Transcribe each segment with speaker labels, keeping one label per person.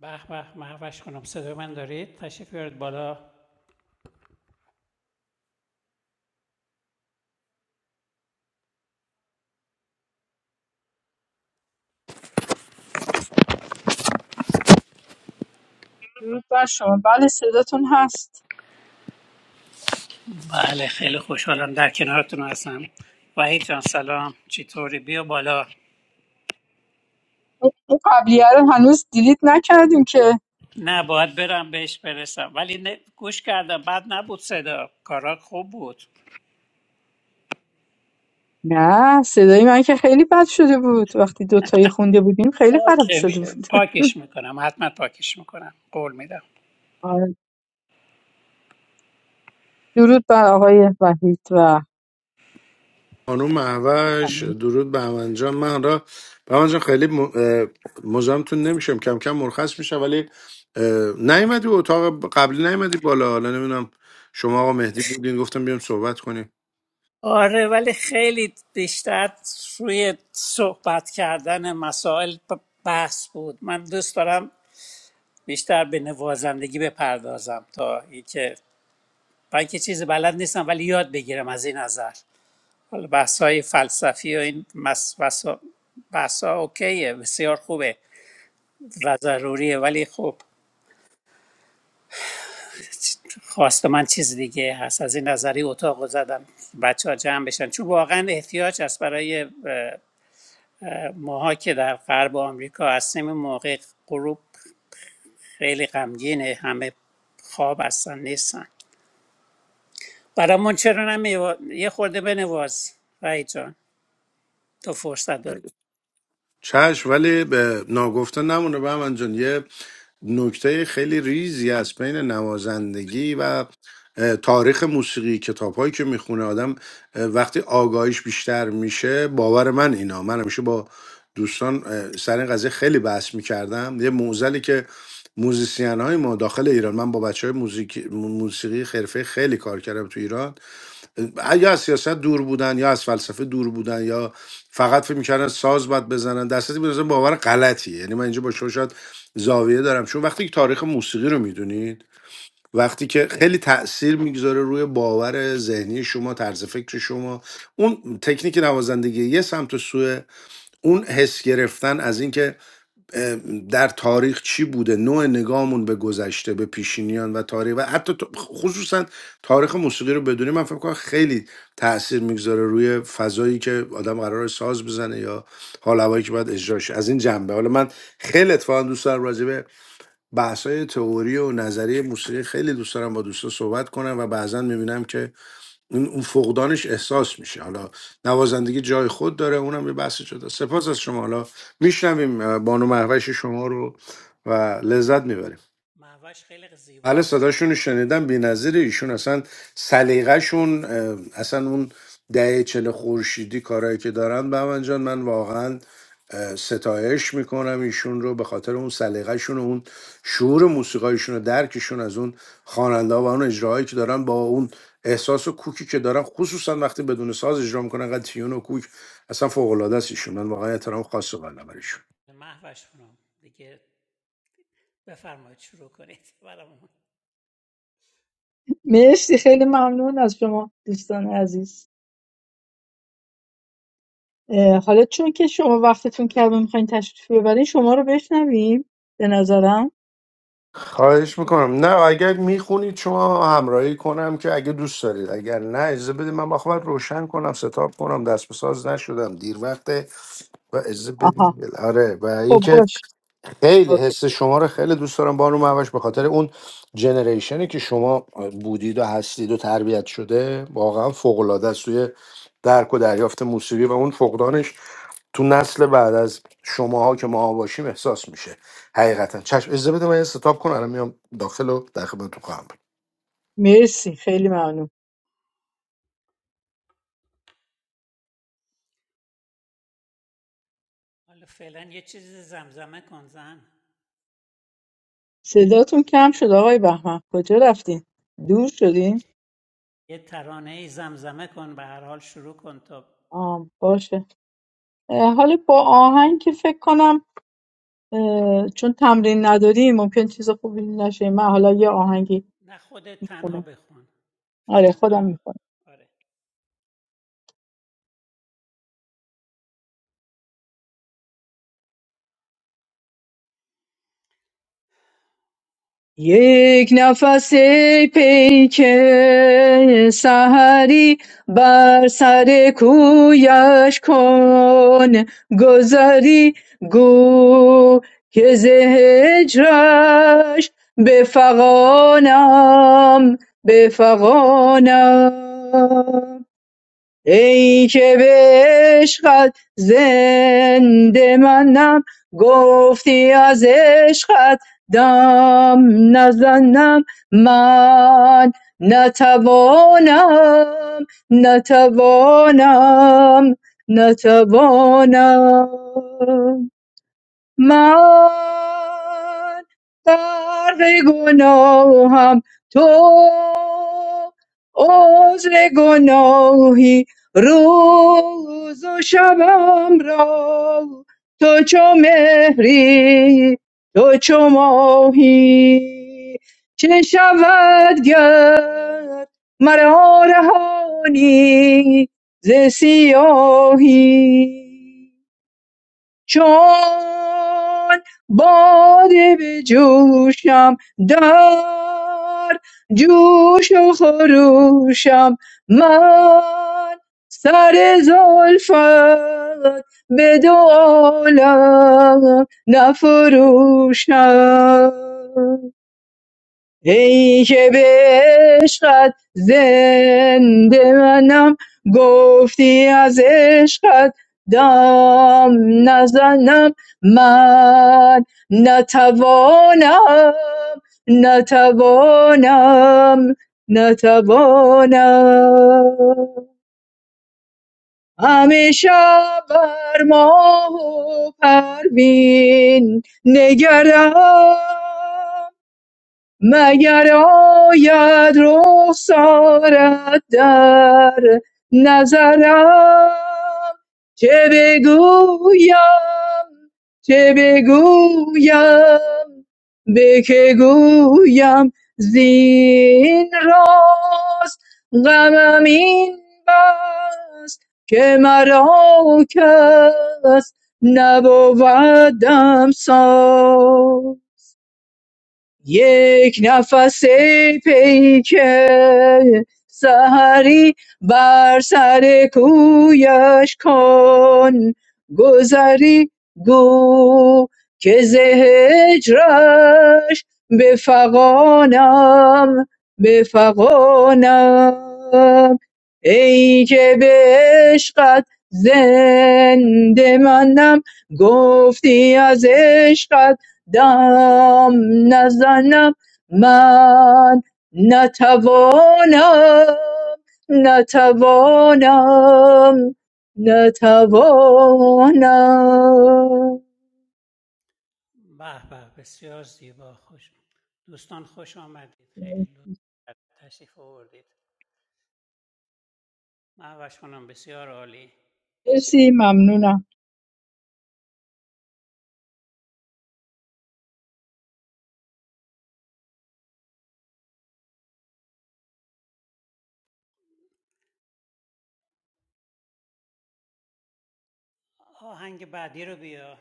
Speaker 1: به به محوش کنم صدای من دارید تشریف بیارید بالا
Speaker 2: درود بر شما بله صداتون هست
Speaker 1: بله خیلی خوشحالم در کنارتون هستم وحید جان سلام چطوری بیا بالا
Speaker 2: اون اون قبلیه رو هنوز دیلیت نکردیم که
Speaker 1: نه باید برم بهش برسم ولی نه- گوش کردم بعد نبود صدا کارات خوب بود
Speaker 2: نه صدای من که خیلی بد شده بود وقتی دوتایی خونده بودیم خیلی خراب
Speaker 1: اوکی
Speaker 2: شده
Speaker 1: می-
Speaker 2: بود
Speaker 1: پاکش میکنم حتما پاکش میکنم قول میدم
Speaker 2: آره. درود بر آقای وحید و
Speaker 3: خانم محوش
Speaker 2: خانم
Speaker 3: درود به همن جان من را به همن جان خیلی م- اه، مزاحمتون نمیشم کم کم مرخص میشم ولی اه، نیومدی اتاق قبلی نیومدی بالا حالا نمیدونم شما آقا مهدی بودین گفتم بیام صحبت کنیم
Speaker 1: آره ولی خیلی بیشتر روی صحبت کردن مسائل ب- بحث بود من دوست دارم بیشتر به نوازندگی بپردازم تا اینکه من که چیز بلد نیستم ولی یاد بگیرم از این نظر حالا بحث فلسفی و این مس... بحثا بحثا اوکیه بسیار خوبه و ضروریه ولی خب خواست من چیز دیگه هست از این نظری اتاق رو زدم بچه ها جمع بشن چون واقعا احتیاج هست برای اه، ماها که در غرب آمریکا هستیم این موقع غروب خیلی غمگینه همه خواب هستن نیستن برامون چرا نمی یه خورده بنواز رای جان تو فرصت داری
Speaker 3: چشم ولی به ناگفته نمونه به من جان یه نکته خیلی ریزی از بین نوازندگی و اه، تاریخ موسیقی کتاب هایی که میخونه آدم اه، وقتی آگاهیش بیشتر میشه باور من اینا من همیشه با دوستان اه، سر این قضیه خیلی بحث میکردم یه موزلی که موزیسین های ما داخل ایران من با بچه های موزیک- موسیقی حرفه خیلی کار کردم تو ایران یا از سیاست دور بودن یا از فلسفه دور بودن یا فقط فکر میکردن ساز باید بزنن در صورتی به باور غلطیه یعنی من اینجا با شما شاید زاویه دارم چون وقتی که تاریخ موسیقی رو میدونید وقتی که خیلی تاثیر میگذاره روی باور ذهنی شما طرز فکر شما اون تکنیک نوازندگی یه سمت و سوه اون حس گرفتن از اینکه در تاریخ چی بوده نوع نگاهمون به گذشته به پیشینیان و تاریخ و حتی تو- خصوصا تاریخ موسیقی رو بدونی من فکر کنم خیلی تاثیر میگذاره روی فضایی که آدم قرار ساز بزنه یا حال هوایی که باید اجراش از این جنبه حالا من خیلی اتفاقا دوست دارم راجع به بحث‌های تئوری و نظریه موسیقی خیلی دوست دارم با دوستا صحبت کنم و بعضا میبینم که اون اون فقدانش احساس میشه حالا نوازندگی جای خود داره اونم یه بحث جدا سپاس از شما حالا میشنویم بانو محوش شما رو و لذت میبریم
Speaker 1: مهوش خیلی زیبا
Speaker 3: بله
Speaker 1: میخونن
Speaker 3: صداشون رو
Speaker 1: میدونید
Speaker 3: شنیدم بی‌نظیره ایشون اصلا سلیقه‌شون اه، اصلا اون دهه چل خورشیدی کارایی که دارن به من جان من واقعا اه، ستایش میکنم ایشون رو به خاطر اون سلیقه‌شون و اون شعور موسیقایشون و درکشون از اون خواننده و اون اجراهایی که دارن با اون احساس و کوکی که دارن خصوصا وقتی بدون ساز اجرا میکنن انقدر تیون و کوک اصلا فوق العاده است ایشون من واقعا احترام خاص قائلم برایشون
Speaker 1: مهوش خونم دیگه بفرمایید شروع کنید برامون
Speaker 2: مرسی خیلی ممنون از شما دوستان عزیز اه، حالا چون که شما وقتتون کمه میخواین تشریف ببرین شما رو بشنویم به نظرم
Speaker 3: خواهش میکنم نه اگر میخونید شما همراهی کنم که اگه دوست دارید اگر نه اجازه بدید من بخوام روشن کنم ستاب کنم دست به ساز نشدم دیر وقت و اجازه
Speaker 2: آها
Speaker 3: بدید آره و
Speaker 2: خب
Speaker 3: اینکه
Speaker 2: باش
Speaker 3: خیلی
Speaker 2: اوکی
Speaker 3: حس شما رو خیلی دوست دارم بانو مهوش به خاطر اون جنریشنی که شما بودید و هستید و تربیت شده واقعا فوق العاده است توی درک و دریافت موسیقی و اون فقدانش تو نسل بعد از شماها که ما باشیم احساس میشه حقیقتا چشم اجازه بده من یه ستاپ کنم الان میام داخل و در خدمتتون خواهم بود.
Speaker 2: مرسی خیلی ممنون
Speaker 1: حالا فعلا یه چیز زمزمه کن زن
Speaker 2: صداتون کم شد آقای بهمن کجا رفتین دور شدین
Speaker 1: یه ترانه ای زمزمه کن به هر حال شروع کن تا
Speaker 2: آه باشه اه، حالا با آهنگ که فکر کنم اه، چون تمرین نداریم ممکن چیز خوبی نشه من حالا یه آهنگی
Speaker 1: نه خودت تنها
Speaker 2: میخونم
Speaker 1: بخون
Speaker 2: آره
Speaker 1: فعلا تا
Speaker 2: خودم میخونم
Speaker 1: آره
Speaker 2: یک نفس ای پیک سحری بر سر کویش کن گذری گو که ز هجرش بفغانم بفغانم ای که به عشقت زنده منم گفتی از عشقت دم نزنم من نتوانم نتوانم نتوانم من غرق گناهم تو عذر گناهی روز و شبم را تو چو مهری تو چو ماهی چه شود گر مرا رهانی ز سیاهی چون باده به جوشم در جوش و خروشم من سر زلفت به دو عالم نفروشم ای که به عشقت زنده منم گفتی از عشقت دم نزنم من نتوانم نتوانم نتوانم همیشه بر ماه و پروین نگردم مگر آید رخسارت در نظرم چه بگویم چه بگویم به که گویم زین راست غمم این بس که مرا کس نبودم ساز یک نفس ای پیک سحری بر سر کویش کن گذری گو که ز هجرش به فغانم به فغانم ای که به عشقت زنده منم گفتی از عشقت دم نزنم من نتوانم نتوانم نتوانم
Speaker 1: به به بسیار زیبا خوش دوستان خوش آمدید خیلی لطف کردید. تشریف آوردید مهوش خانم بسیار عالی
Speaker 2: مرسی ممنونم
Speaker 1: آهنگ بعدی رو بیا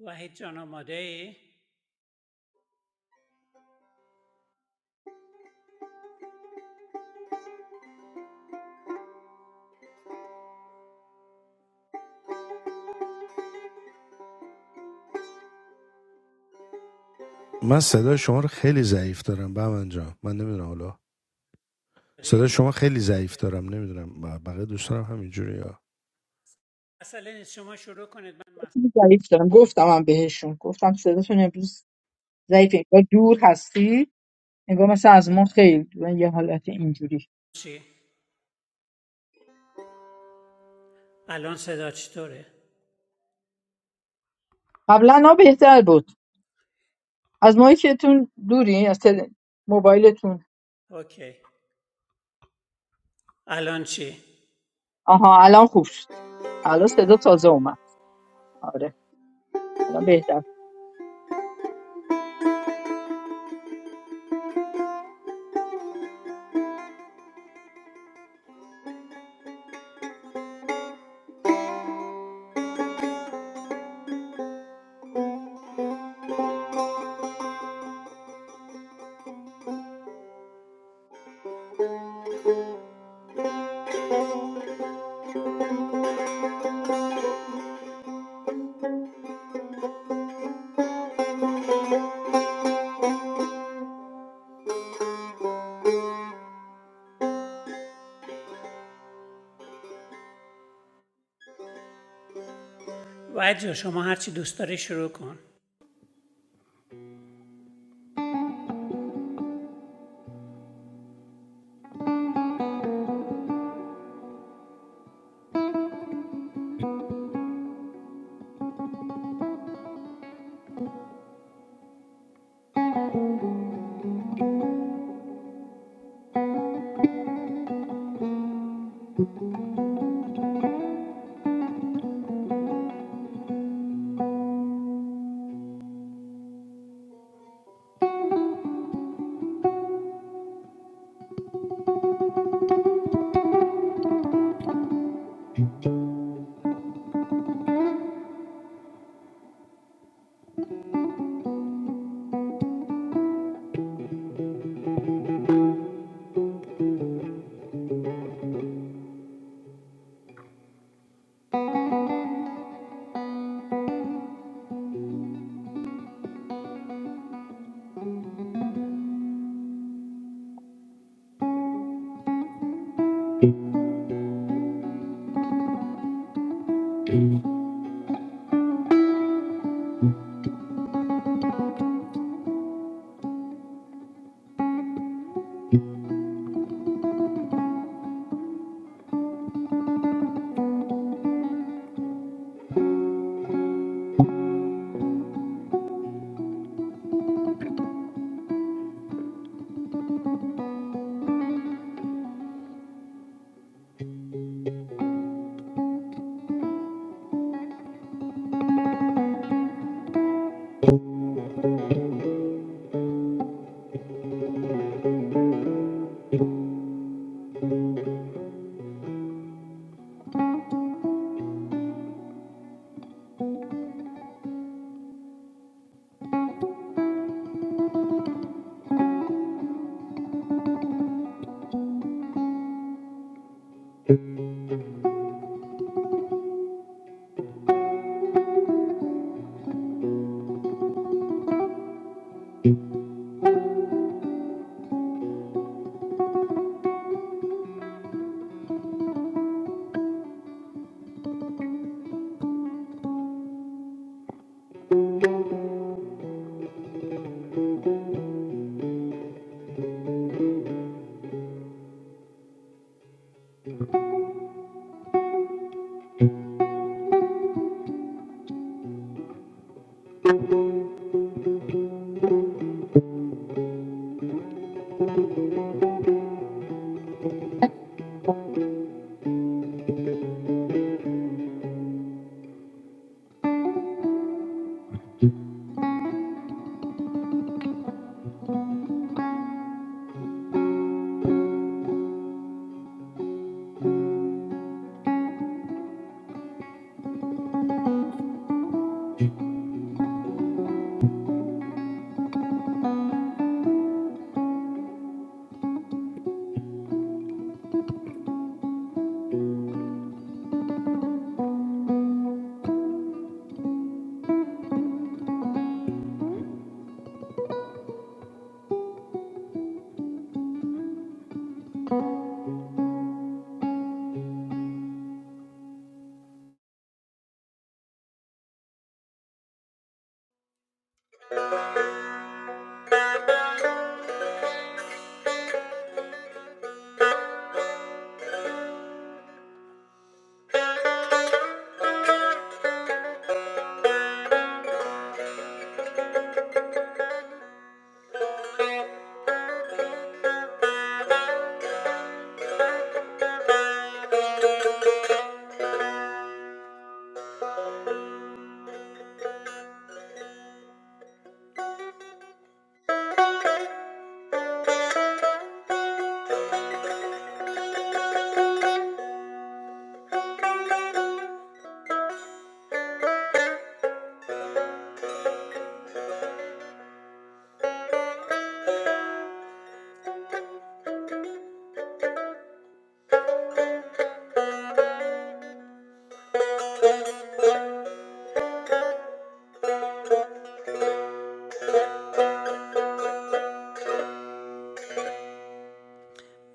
Speaker 1: وحید جان آماده ای؟
Speaker 3: من صدای شما رو خیلی ضعیف دارم به من جان من نمیدونم حالا صدای شما خیلی
Speaker 1: عجیبه
Speaker 3: ضعیف دارم نمیدونم بقیه دوستانم همینجوری
Speaker 1: مسئله نیست شما شروع کنید من مسئله
Speaker 2: ضعیف دارم گفتم هم بهشون گفتم صداتون امروز ضعیفه انگار دور هستی انگار مثلا از ما خیلی دور یه حالت اینجوری
Speaker 1: چی؟ الان صدا چطوره؟
Speaker 2: قبلا ها بهتر بود از مایی که تون دوری از تل... موبایلتون
Speaker 1: اوکی الان چی؟
Speaker 2: آها الان خوب شد الان صدا تازه اومد آره الان بهتر
Speaker 1: وید جان، شما هرچی دوست داری شروع کن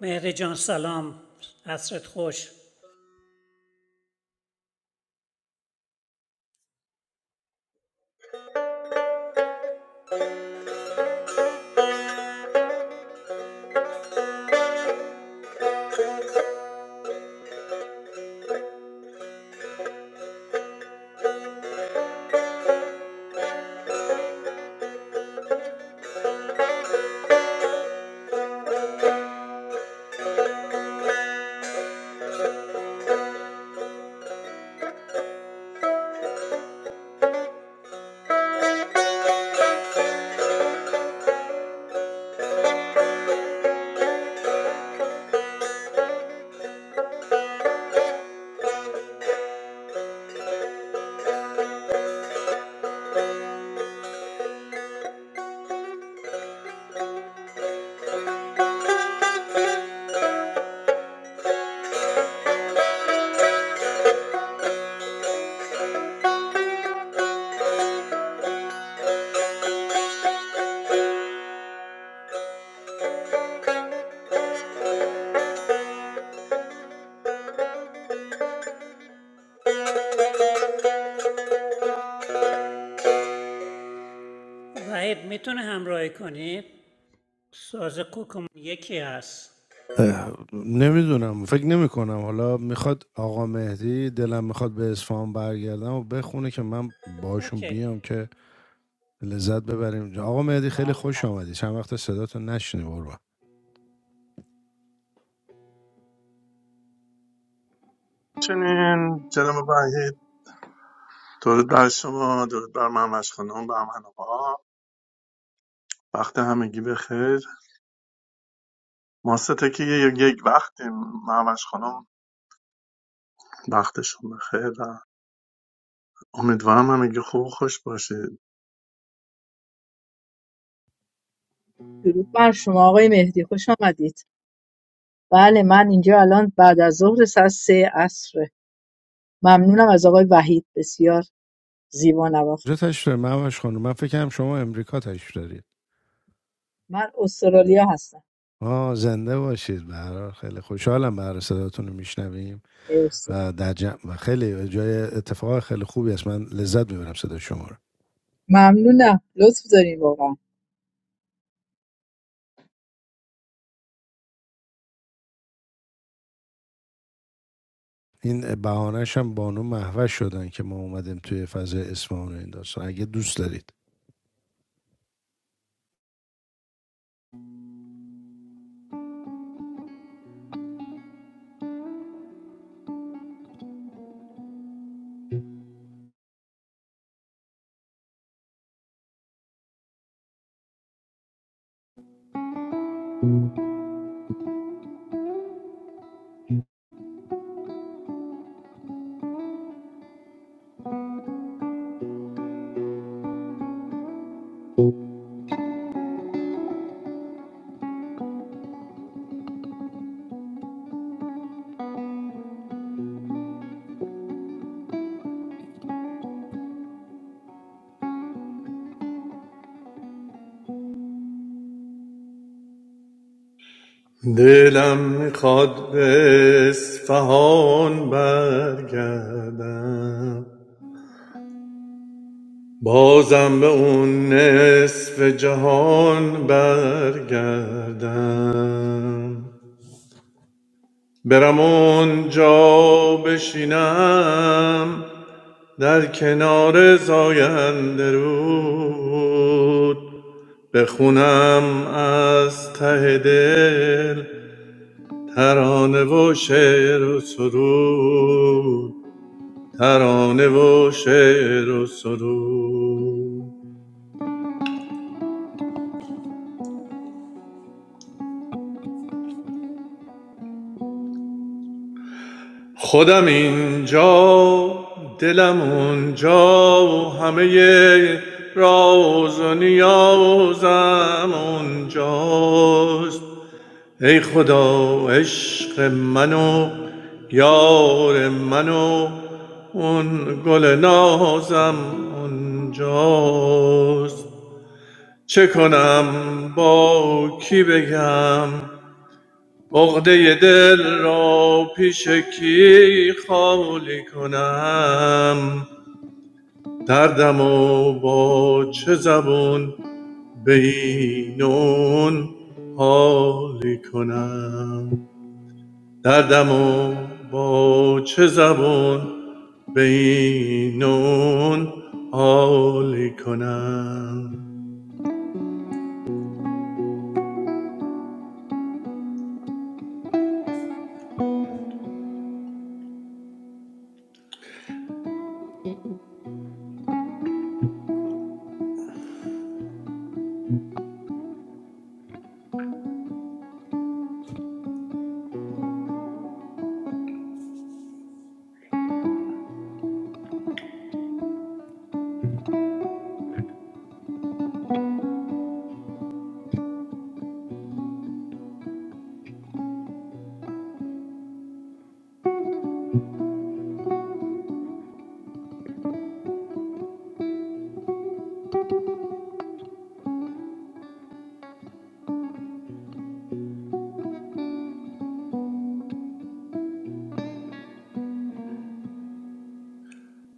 Speaker 1: مهری جان سلام عصرت خوش وحید میتونه همراهی کنی؟ ساز کوکمون یکی هست
Speaker 3: نمیدونم فکر نمی کنم حالا میخواد آقا مهدی دلم میخواد به اصفهان برگردم و بخونه که من باشون
Speaker 1: اوکی
Speaker 3: بیام که لذت ببریم آقا مهدی خیلی
Speaker 1: بله
Speaker 3: خوش
Speaker 1: حتما
Speaker 3: آمدی چند وقت صداتو نشنی قربان
Speaker 4: چنین جناب وحید درود بر شما درود بر ممش خانم بر من آقا وقت همگی بخیر ما سه که یک وقتی ممش خانم وقتشون بخیر و امیدوارم همگی خوب و خوش باشید
Speaker 2: درود بر شما آقای مهدی خوش آمدید بله من اینجا الان بعد از ظهر ساعت سه عصره ممنونم از آقای وحید بسیار زیبا نواخت
Speaker 3: کجا تشریف داری مهوش خانم من فکرم شما امریکا تشریف دارید
Speaker 2: من استرالیا هستم
Speaker 3: آه زنده باشید به هر حال خیلی خوشحالم به هر حال صداتون رو میشنویم
Speaker 2: مرسی
Speaker 3: و در جمع و خیلی جای اتفاق خیلی خوبی است من لذت میبرم صدای شما رو
Speaker 2: ممنونم لطف دارین واقعا
Speaker 3: این بهانهش هم بانو محوش شدن که ما اومدیم توی فضای اصفهان و این داستان اگه دوست دارید
Speaker 4: دلم میخواد به اصفهان برگردم بازم به اون نصف جهان برگردم برم اونجا بشینم در کنار زاینده رود بخونم از ته دل ترانه و شعر و سرود ترانه و شعر و سرود خودم اینجا دلم اونجا و همه راز و نیازم اونجاست ای خدا عشق منو یار منو اون گل نازم اونجاست چه کنم با کی بگم عقده دل را پیش کی خالی کنم دردم و با چه زبون به اینون حالی کنم دردم و با چه زبون به اینون حالی کنم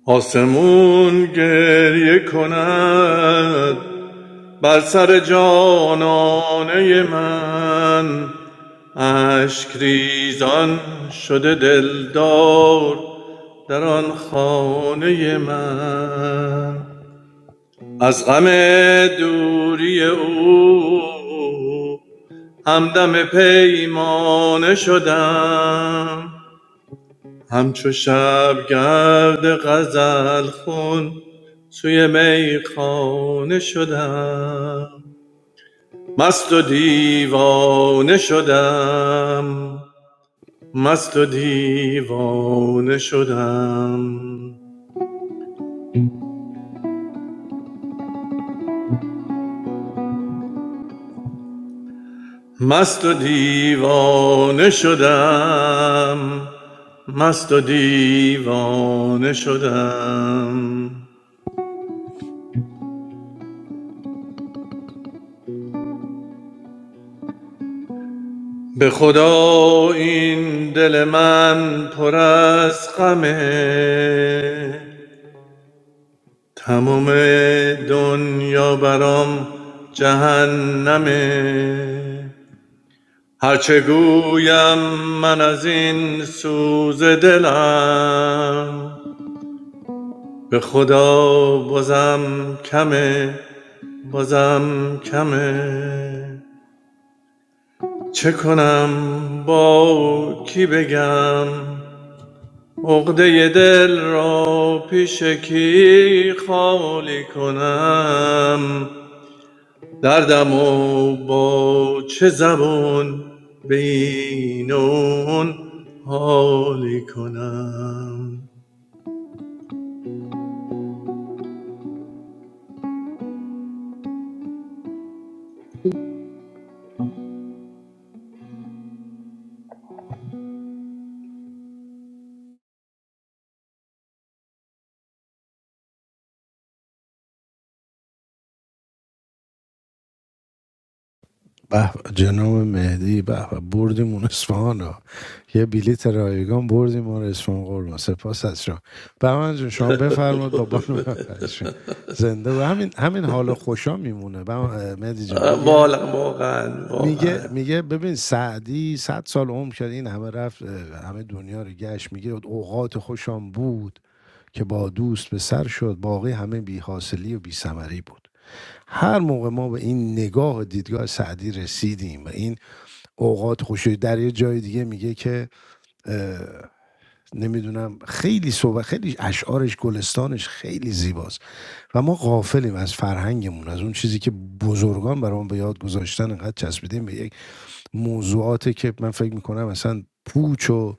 Speaker 4: آسمون گریه کند بر سر جانانه من اشک ریزان شده دلدار در آن خانه من از غم دوری او همدم پیمانه شدم همچو شبگرد غزل خون سوی میخانه شدم مست و دیوانه شدم مست و دیوانه شدم مست و دیوانه شدم مست و دیوانه شدم به خدا این دل من پر از غمه تمام دنیا برام جهنمه هرچه گویم من از این سوز دلم به خدا بازم کمه بازم کمه چه کنم با کی بگم عقده دل را پیش کی خالی کنم دردم و با چه زبان به این و حالی کنم
Speaker 3: به جناب مهدی به به، بردیم اون اصفهان ها یه بلیت رایگان بردیم اون اصفهان قربان سپاس از شما بهمن جون شما بفرمایید با بانو محوش زنده و همین همین حالا خوشا میمونه بهمن- مهدی جان میگه
Speaker 4: واقعا واقعا
Speaker 3: میگه
Speaker 4: واقعا
Speaker 3: میگه ببین سعدی صد سال عمر کرد این همه رفت همه دنیا رو گشت میگه اوقات خوشم بود که با دوست به سر شد باقی همه بی حاصلی و بی ثمری بود هر موقع ما به این نگاه و دیدگاه سعدی رسیدیم و این اوقات خوشی در یه جای دیگه میگه که نمیدونم خیلی صحبت خیلی اشعارش گلستانش خیلی زیباست و ما غافلیم از فرهنگمون از اون چیزی که بزرگان برامون به یاد گذاشتن انقدر چسبیدیم به یک موضوعاتی که من فکر میکنم اصلا پوچ و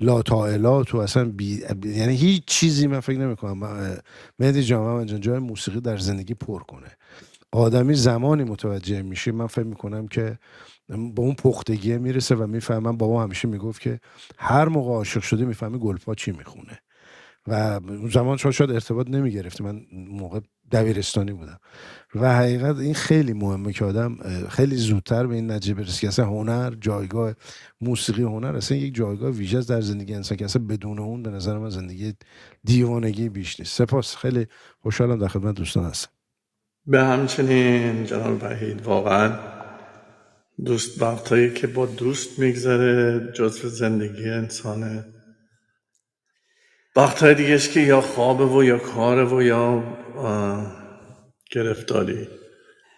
Speaker 3: لاتائلات و اصلا بی... یعنی هیچ چیزی من فکر نمیکنم مهدی جان جای موسیقی در زندگی پر کنه آدمی زمانی متوجه میشه من فکر میکنم که به اون پختگیه میرسه و میفهمم بابا همیشه میگفت که هر موقع عاشق شدی میفهمی گلپا چی میخونه و اون زمان شاید ارتباط نمیگرفتی من اون موقع دبیرستانی بودم و حقیقت این خیلی مهمه که آدم خیلی زودتر به این نتیجه برسه که اصلا هنر جایگاه موسیقی هنر اصلا یک جایگاه ویژه در زندگی انسان که اصلا بدون اون به نظر من زندگی دیوانگی بیش نیست سپاس خیلی خوشحالم در خدمت دوستان هستم
Speaker 4: به همچنین جناب وحید واقعا دوست وقتایی که با دوست میگذره جزو زندگی انسانه وقتهای دیگهش که یا خوابه و یا کاره و یا گرفتاری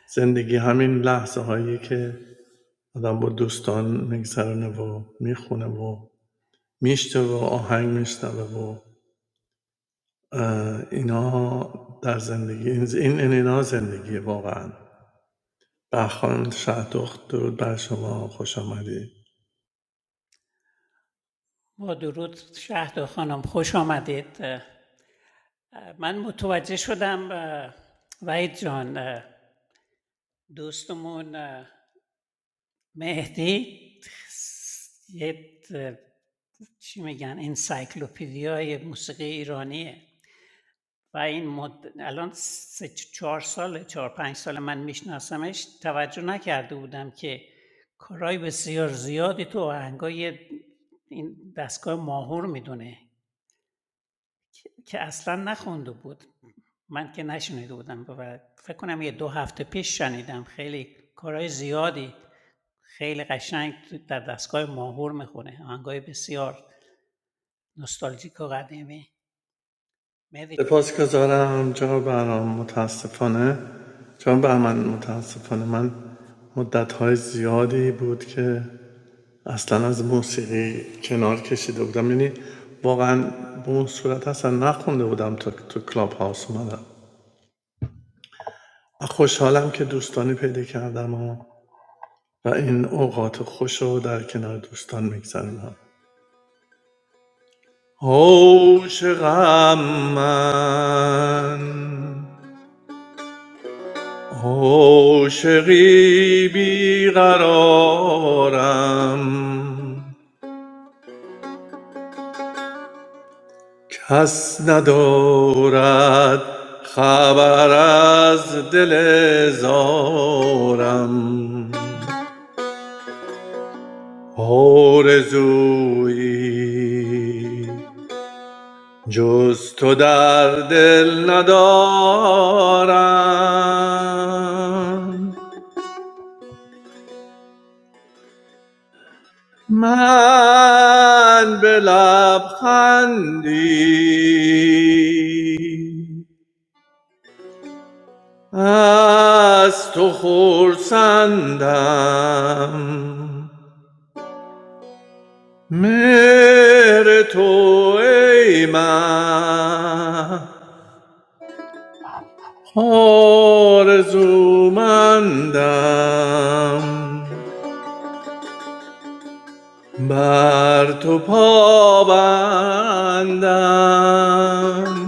Speaker 4: زندگی همین لحظه هایی که آدم با دوستان میگذرونه و میخونه و میشته و آهنگ میشنوه و اه، اینا در زندگی این این این اینا زندگیه واقعا به خانم شهدخت درود بر شما خوش آمدید
Speaker 1: با درود شهد خانم خوش آمدید من متوجه شدم اه، وحید جان دوستمون مهدی یه چی میگن انسایکلوپدیای موسیقی ایرانیه و این مد... الان سه چهار سال چهار پنج سال من میشناسمش توجه نکرده بودم که کارهای بسیار زیادی تو آهنگای این دستگاه ماهور میدونه که که اصلا نخونده بود من که نشنیده بودم و فکر کنم یه دو هفته پیش شنیدم خیلی کارهای زیادی خیلی قشنگ در دستگاه ماهور میخونه آهنگای بسیار نوستالژیک و قدیمی مهدی جان.
Speaker 4: سپاس گذارم جناب برنامه متاسفانه جناب بهمن متاسفانه من مدت های زیادی بود که اصلا از موسیقی کنار کشیده بودم یعنی واقعا به اون صورت اصلا نخونده بودم تا تو کلاب هاوس اومدم خوشحالم که دوستانی پیدا کردم و, و این اوقات خوش رو در کنار دوستان میگذرونم عاشقم من عاشقی بیقرارم کس ندارد خبر از دل زارم آرزویی جز تو در دل ندارم من به لبخندی از تو خرسندم مهر تو ای مه آرزومندم بر تو پابندم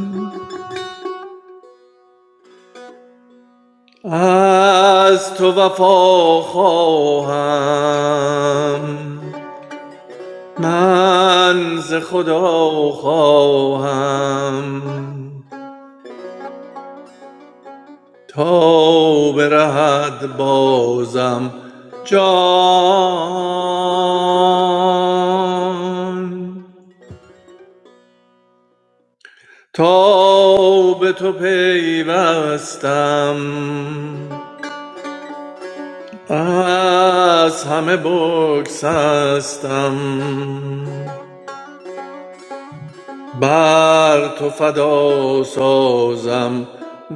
Speaker 4: از تو وفا خواهم من ز خدا خواهم تا برهد بازم جان تا به تو پیوستم از همه بگسستم بر تو فدا سازم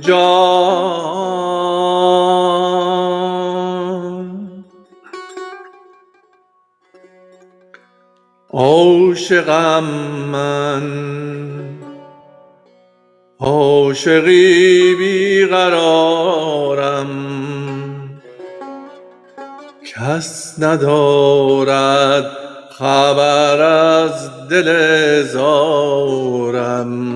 Speaker 4: جان عاشقم من عاشقی بیقرارم کس ندارد خبر از دل زارم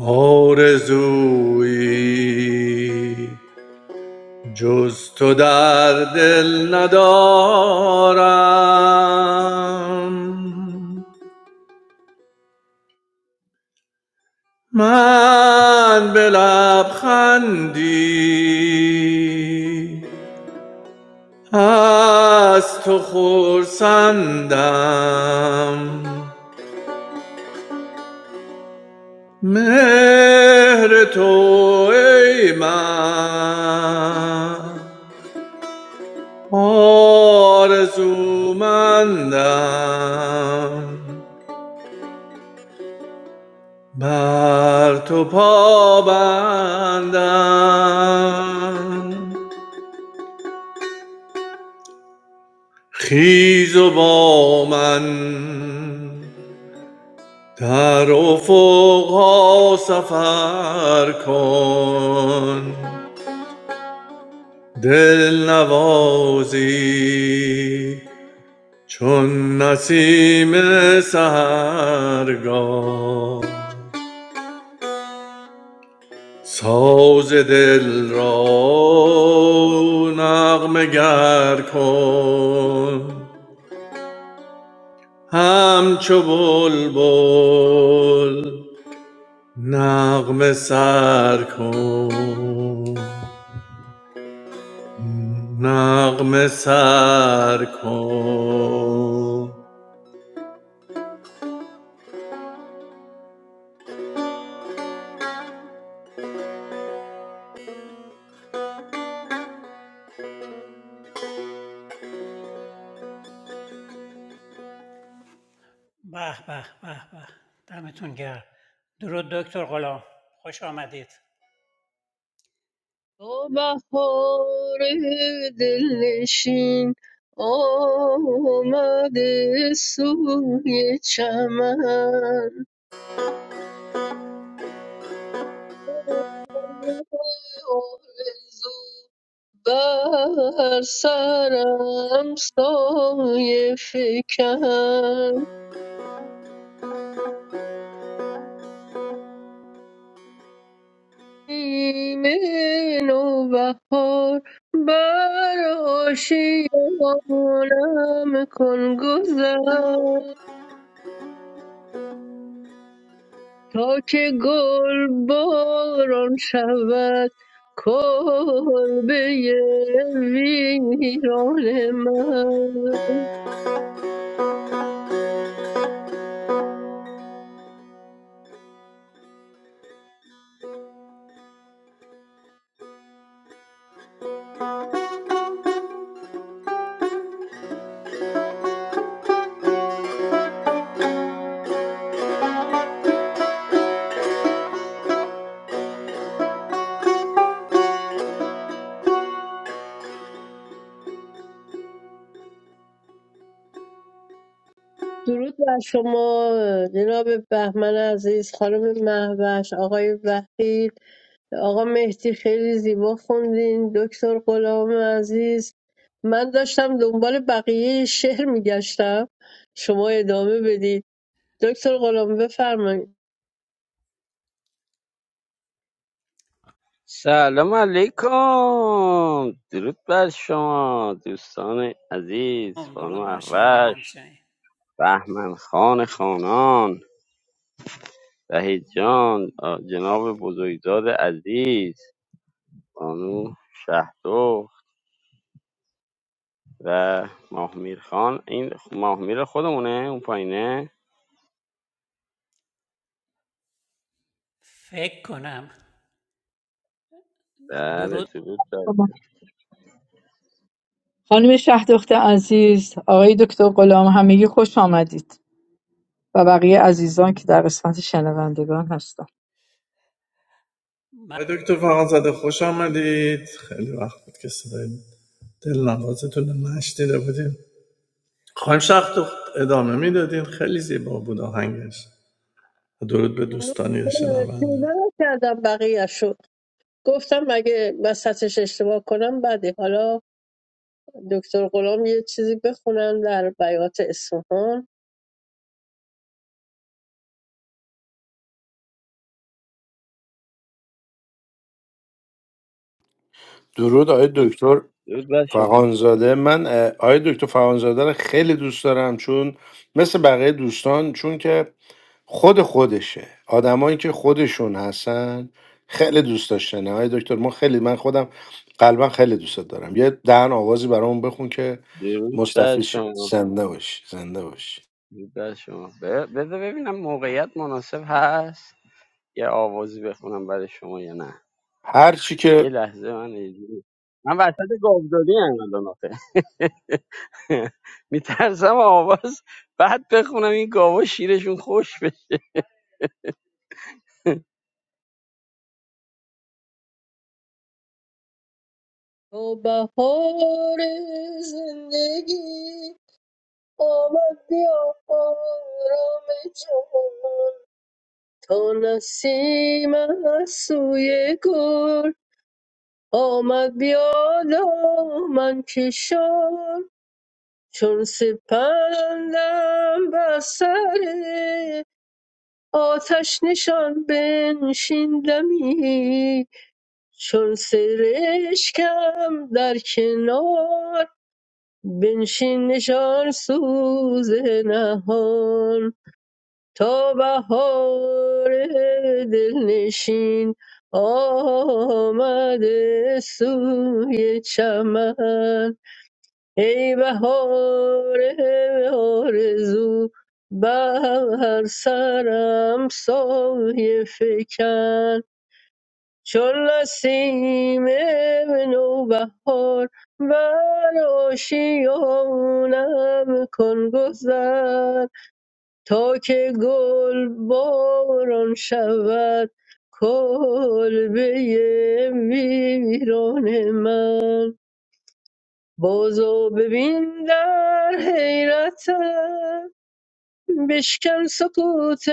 Speaker 4: آرزویی جز تو در دل ندارم من به لبخندی از تو خرسندم مهر تو ای من آرزومندم بر تو پابندم خیز و با من در افقها سفر کن دل نوازی چون نسیم سهرگاه ساز دل را نغمه گر کن همچو بلبل نغمه سر کن نغمه سر کن
Speaker 1: به به به به دمتون گرم درود دکتر غلام خوش آمدید
Speaker 5: تو بهار دلنشین آمده سوی چمن آرزو بر سرم سایه فکن ایمن و بهار بر آشیانم کن گذر تا که گل باران شود کلبه ویران من درود بر شما جناب بهمن عزیز خانم مهوش آقای وحید آقا مهدی خیلی زیبا خوندین دکتر غلام عزیز من داشتم دنبال بقیه شعر میگشتم شما ادامه بدید دکتر غلام بفرمایید
Speaker 6: سلام علیکم درود بر شما دوستان عزیز
Speaker 1: هم
Speaker 6: خانم
Speaker 1: درود بر شما
Speaker 6: احوش
Speaker 1: همچنین
Speaker 6: بهمن خان خانان وحید جان آ، جناب بزرگزاد عزیز بانو شهدو و ماهمیر خان این ماهمیر خودمونه اون پایینه
Speaker 1: فکر کنم
Speaker 6: بله
Speaker 1: درود
Speaker 6: درود بر
Speaker 2: شما. خانم شه دختر عزیز آقای دکتر غلام همگی خوش آمدید و بقیه عزیزان که در قسمت شنوندگان هستند
Speaker 4: آقای دکتر فرانزاده خوش آمدید خیلی وقت بود که صدای دل نوازتون رو نشنیده بودیم خواهیم شخص ادامه میدادین خیلی زیبا بود آهنگش درود به
Speaker 5: ممنون.
Speaker 4: دوستان
Speaker 5: آره، پیدا
Speaker 4: شنونده
Speaker 5: نکردم بقیه شد گفتم اگه وسطش اشتباه کنم بده حالا دکتر غلام یه چیزی بخونم در بیات اصفهان
Speaker 3: درود آقای دکتر
Speaker 6: درود بر شما
Speaker 3: فغانزاده من اه، آقای دکتر فغانزاده رو خیلی دوست دارم چون مثل بقیه دوستان چون که خود خودشه آدمایی که خودشون هستن خیلی دوست داشتنه های دکتر ما خیلی من خودم قلبا خیلی دوستت دارم یه دهن آوازی برامون بخون که
Speaker 6: درود بر
Speaker 3: مستفیض شی
Speaker 6: شما
Speaker 3: زنده باشی زنده باشی
Speaker 6: درود بر شما ب- بذار ببینم موقعیت مناسب هست یه آوازی بخونم برای شما یا نه
Speaker 3: هر چی که
Speaker 6: یه لحظه من اجازه- من وسط گاودادی ام الان آخه میترسم آواز بعد بخونم این گاوا شیرشون خوش بشه
Speaker 5: تو بهار زندگی آمد بیا آرام جهان تا نسیم از سوی گل آمد بیا من کشان چون سپندم بر سر آتش نشان بنشیندمی چون سرشکم در کنار بنشین نشان سوز نهان تا بهار دلنشین آمده سوی چمن ای بهار آرزو بر سرم سایه فکن چون نسیم نوبهار بر آشیانم کن گذر تا که گل باران شود کلبه ویران من بازو ببین در حیرتم بشکن سکوت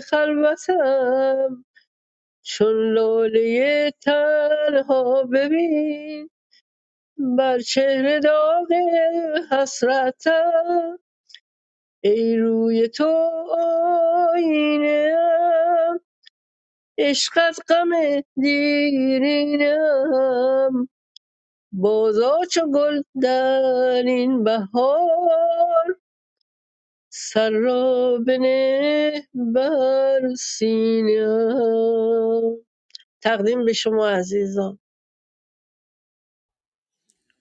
Speaker 5: خلوتم چون لاله تنها ببین بر چهره داغ حسرتم ای روی تو آینه ام عشقت غم دیرینم بازا چو گل در این بهار سر را بنه بر سینه تقدیم به شما عزیزان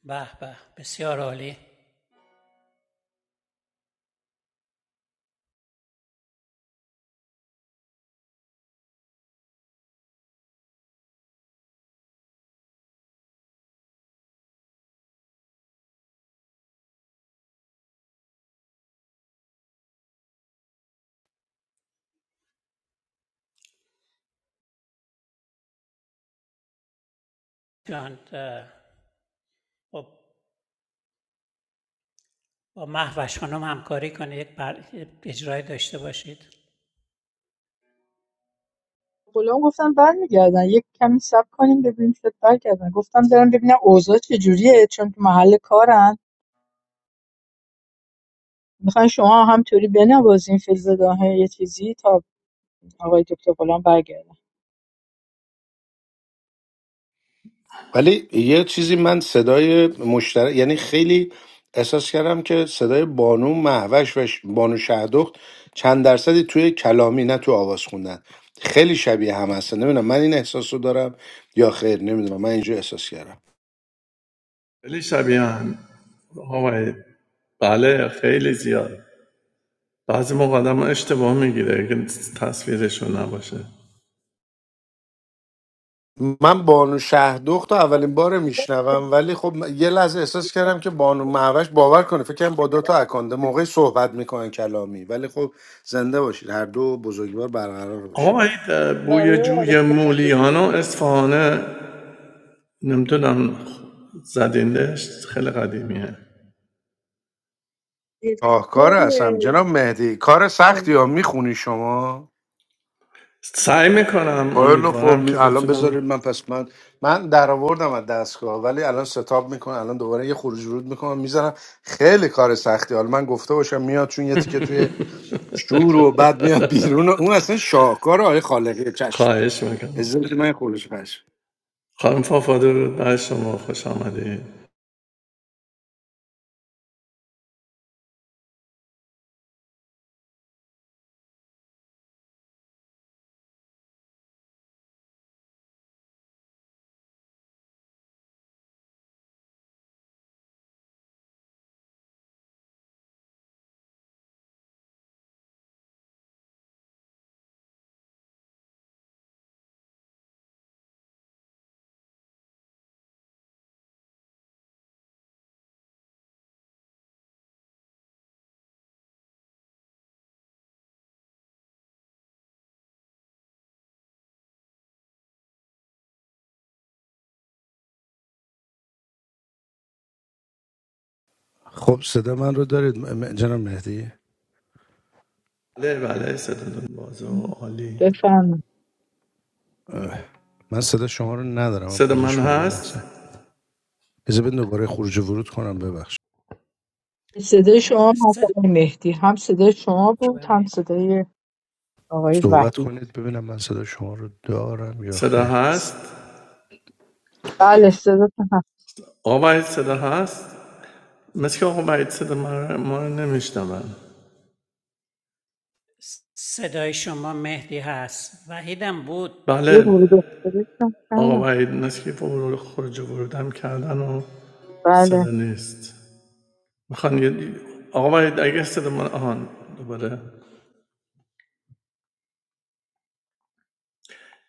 Speaker 1: به به بسیار عالی جان اه، خب، با محوش خانم همکاری کنید یک بر... اجرای داشته باشید
Speaker 2: غلام گفتن برمیگردن یک کمی صبر کنیم ببینیم شاید برگردن گفتم برم ببینم اوضاع چجوریه چون تو محل کارن میخواین شما همطوری بنوازین فیلز داهه یه چیزی تا آقای دکتر غلام برگردن
Speaker 3: ولی یه چیزی من صدای مشترک یعنی خیلی احساس کردم که صدای بانو محوش و ش- بانو شهدخت چند درصدی توی کلامی نه تو آواز خوندن خیلی شبیه هم هستن نمیدونم من این احساس رو دارم یا خیر نمیدونم من اینجا احساس کردم
Speaker 4: خیلی شبیه هم آقای بله خیلی زیاد بعضی موقع آدم اشتباه میگیره که تصویرشون نباشه
Speaker 3: من بانو شهردخت رو اولین بار میشنوم ولی خب یه لحظه احساس کردم که بانو معوش باور کنه فکر کنم با دو تا اکانده موقعی صحبت میکنن کلامی ولی خب زنده باشید هر دو بزرگوار برقرار باشه
Speaker 4: آقا این بوی
Speaker 5: ممنون از
Speaker 4: جوی
Speaker 5: تشکر.
Speaker 4: مولیان و اصفهانه نمیدونم زدیندش خیلی قدیمیه
Speaker 3: کار هستم جناب مهدی کار سختی ها میخونی شما
Speaker 4: سعی میکنم
Speaker 3: خیلی خب
Speaker 4: امیدوارم
Speaker 3: می-
Speaker 4: که
Speaker 3: الان بذارید
Speaker 4: بتونم
Speaker 3: من پس من من در آوردم از دستگاه ولی الان ستاب میکنم الان دوباره یه خروج ورود میکنم میزنم خیلی کار سختی حالا من گفته باشم میاد چون یه تیکه توی شور و بعد میاد بیرون و اون اصلا شاهکار آقای خالقی چشم
Speaker 4: خواهش میکنم
Speaker 3: عزت من خودش خش
Speaker 4: خانم فافا درود بر شما خوش آمدید
Speaker 3: خب صدا من رو دارید م- م- جناب مهدی
Speaker 4: بله بله صدا بازو عالی
Speaker 2: بفرمایید
Speaker 3: اه، من صدا شما رو ندارم من
Speaker 4: صدا
Speaker 3: پوزش
Speaker 4: من
Speaker 3: شما یه
Speaker 4: هست
Speaker 3: لحظه اجازه بدین دوباره خروج و ورود کنم ببخش
Speaker 2: صدای شما هم
Speaker 1: صدا
Speaker 2: آقای مهدی هم صدای شما
Speaker 1: خوبه
Speaker 2: بود هم
Speaker 1: مهدی
Speaker 2: صدای آقای
Speaker 3: صحبت
Speaker 2: وحید
Speaker 3: کنید ببینم من صدا شما رو دارم یا
Speaker 4: صدا
Speaker 3: خیر
Speaker 4: هست؟
Speaker 2: بله صدا هم
Speaker 4: آقا وحید صدا هست؟ مثل که آقا وحید صدا من ما رو نمیشنون
Speaker 1: س- صدای شما مهدی هست وحیدم بود
Speaker 2: یه
Speaker 4: بله
Speaker 2: ورود و خروج هم
Speaker 4: آقا
Speaker 2: کردم.
Speaker 4: وحید مثل که ورود خروج و ورودم کردن و
Speaker 2: بله
Speaker 4: صدا نیست میخوان یه آقا وحید اگه صدا من آهان دوباره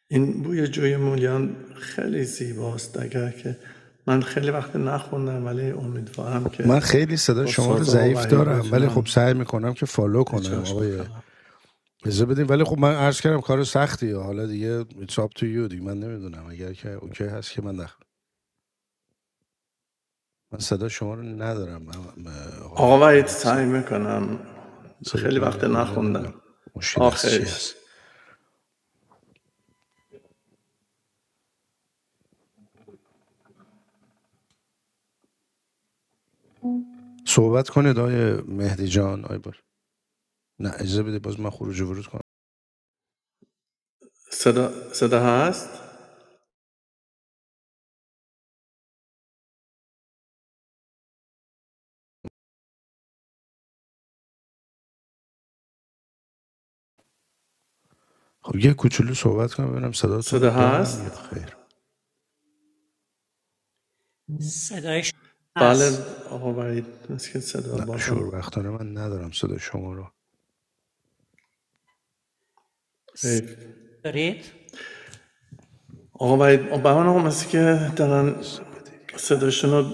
Speaker 4: این بوی جوی مولیان خیلی زیباست اگر که من خیلی وقت نخوندم ولی امیدوارم
Speaker 3: خب
Speaker 4: که
Speaker 3: من خیلی صدا
Speaker 4: با
Speaker 3: شما رو
Speaker 4: ساز آقا
Speaker 3: ضعیف
Speaker 4: وحید
Speaker 3: دارم ولی خب
Speaker 4: بتونم
Speaker 3: سعی میکنم که فالو کنم
Speaker 4: اجراش
Speaker 3: آقای
Speaker 4: بکنم
Speaker 3: اجازه بدین ولی خب من عرض کردم کار سختی حالا دیگه it's up to you دیگه من نمیدونم اگر که اوکی هست که من من صدا شما رو ندارم من- من- آقای
Speaker 4: آقا
Speaker 3: یه لحظه
Speaker 4: سعی میکنم
Speaker 3: سرت
Speaker 4: خیلی
Speaker 3: من یه
Speaker 4: وقت
Speaker 3: خورده من نمیدم
Speaker 4: نخوندم
Speaker 3: مشکل از چی
Speaker 4: آخرش
Speaker 3: هست صحبت کنید آقای مهدی جان آقای بار نه اجازه بده باز من خروج و ورود کنم
Speaker 4: صدا, صدا هست
Speaker 3: خب یه کوچولو صحبت کنم ببینم صداتون رو
Speaker 4: صدا
Speaker 3: دارم یا
Speaker 4: هست
Speaker 3: خیر
Speaker 1: صدای شما
Speaker 4: بله
Speaker 1: هست
Speaker 4: آقا وحید مثل که صدا
Speaker 3: نه
Speaker 4: بازم
Speaker 3: شور وقتانه من ندارم صدا شما رو
Speaker 1: س-
Speaker 4: حیف
Speaker 1: دارید
Speaker 4: آقا وحید بهمان آقا مثل که دارن
Speaker 3: اجازه بدید یه لحظه
Speaker 4: صداشون رو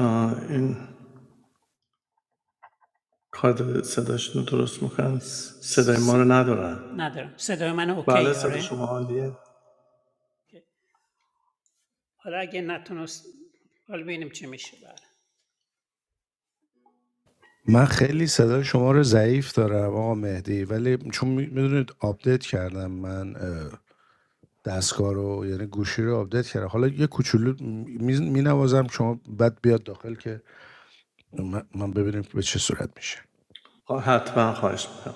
Speaker 4: آه، این کارد صداشون رو درست میکنن
Speaker 1: س-
Speaker 4: صدای ما رو
Speaker 1: س-
Speaker 4: ندارن
Speaker 1: ندارم صدای من
Speaker 4: بله
Speaker 1: اوکی
Speaker 4: صدا
Speaker 1: آره
Speaker 4: شما عالیه
Speaker 1: حالا اگه نتونست حالا ببینیم چی میشه بله
Speaker 3: من خیلی صدای شما رو ضعیف دارم آقا مهدی ولی چون میدونید آپدیت کردم من اه، دستگاه رو یعنی گوشی رو آپدیت کردم حالا یه کوچولو می نوازم شما بعد بیاد داخل که من من ببینیم به چه صورت میشه
Speaker 4: آه، حتما خواهش میکنم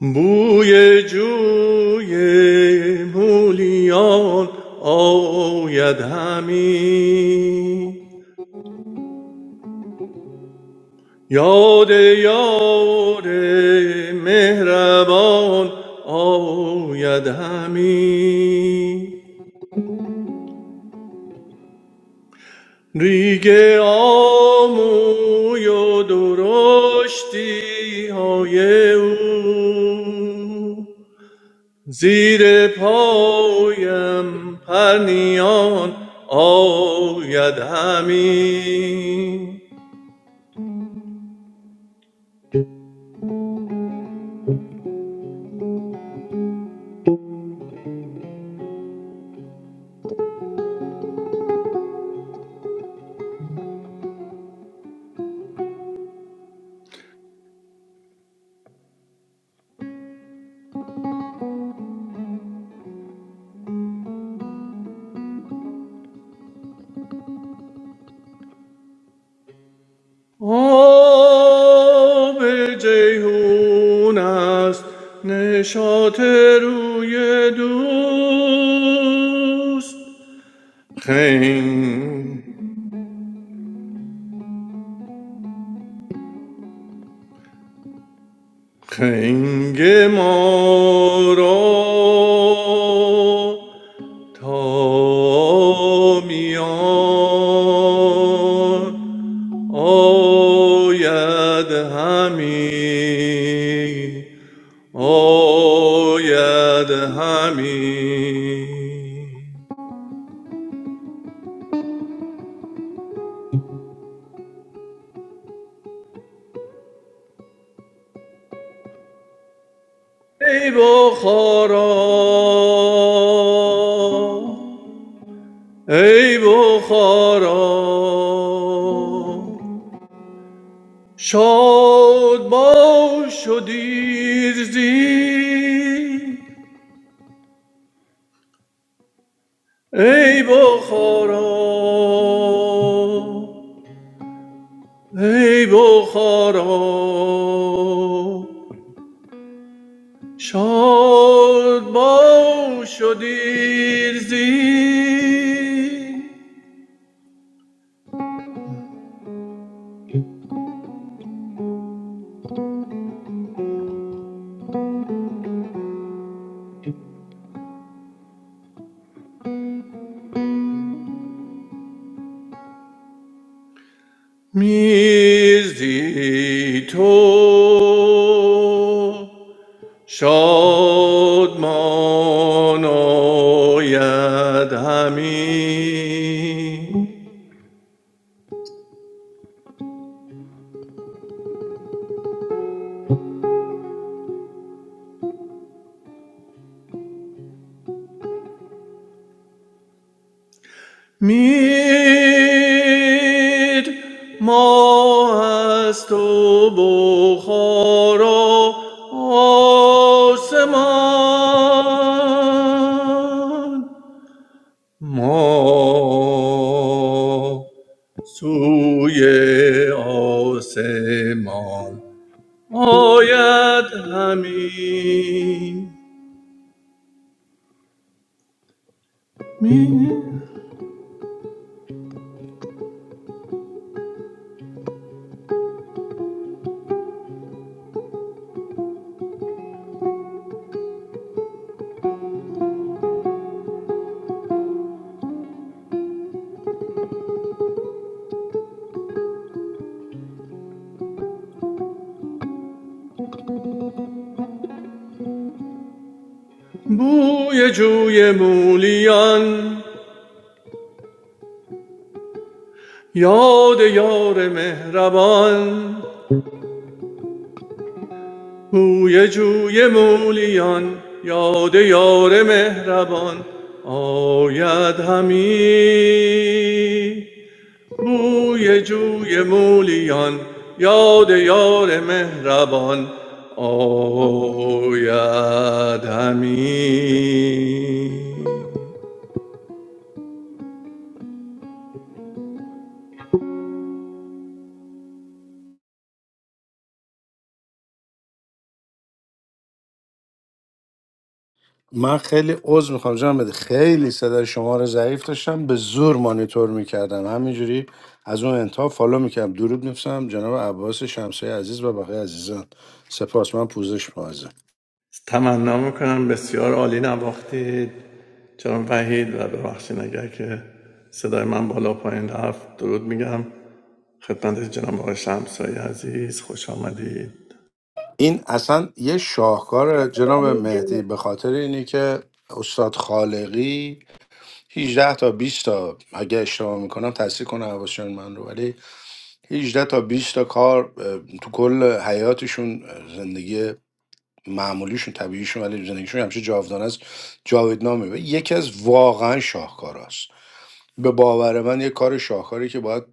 Speaker 4: بوی جوی مولیان آید همی یاد یار مهربان آید همی ریگ آموی و درشتی های او زیر پایم پرنیان آید همی آب جیهون است نشاط روی دوست خنگ خنگ ما را تا میان آید همی آید همی ای بخارا ای بخارا شاد باش و دیر زی ای بخارا ای بخارا شاد باش و دیرزی میرزی تو شاد ماناید همی میر ما از تو بخار و آسمان ما سوی آسمان آید همی می- بوی جوی مولیان یاد یار مهربان بوی جوی مولیان یاد یار مهربان آید همی بوی جوی مولیان یاد یار مهربان آید همی
Speaker 3: من خیلی عذر میخوام جان بده خیلی صدای شما رو ضعیف داشتم به زور مانیتور میکردم همینجوری از اون انتها فالو میکردم درود میفرستم جناب عباس شمسه عزیز و بقیه عزیزان سپاس من پوزش معزم
Speaker 4: تمنا میکنم بسیار عالی نواختید چون وحید و ببخشید اگر که صدای من بالا پایین رفت درود میگم خدمت جناب آقای شمسایی عزیز خوش آمدید
Speaker 3: این اصلا یه شاهکار جناب
Speaker 5: وحید،
Speaker 3: مهدی به خاطر اینی که استاد خالقی 18 تا بیست تا اگه اشتباه میکنم تصحیح کنه هواشیان من رو ولی 18 تا بیست تا کار اه، تو کل حیاتشون اه، زندگی معمولیشون طبیعیشون ولی زندگیشون همیشه جاودانه است جاودانه و یکی از واقعا شاهکاراست به باور من یه کار شاهکاری که باید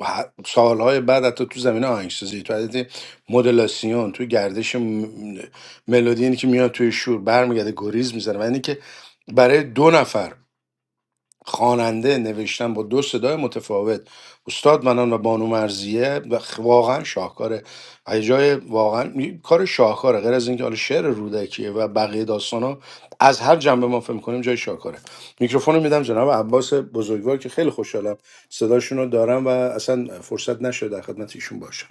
Speaker 3: اه، ه- سالهای بعد حتی تو زمینه آهنگسازی تو عدد مدلاسیون تو گردش م- ملودی اینی که میاد توی شور برمیگرده گریز میزنه و اینی که برای دو نفر خواننده نوشتن با دو صدای متفاوت استاد منان و بانو مرزیه و خ- واقعا شاهکاره و یه جای واقعا یه کار شاهکاره غیر از اینکه حالا شعر رودکیه و بقیه داستان ها از هر جنبه ما فهم کنیم جای شاهکاره میکروفون رو میدم جناب عباس بزرگوار که خیلی خوشحالم صداشون رو دارم و اصلا فرصت نشد در خدمت ایشون باشم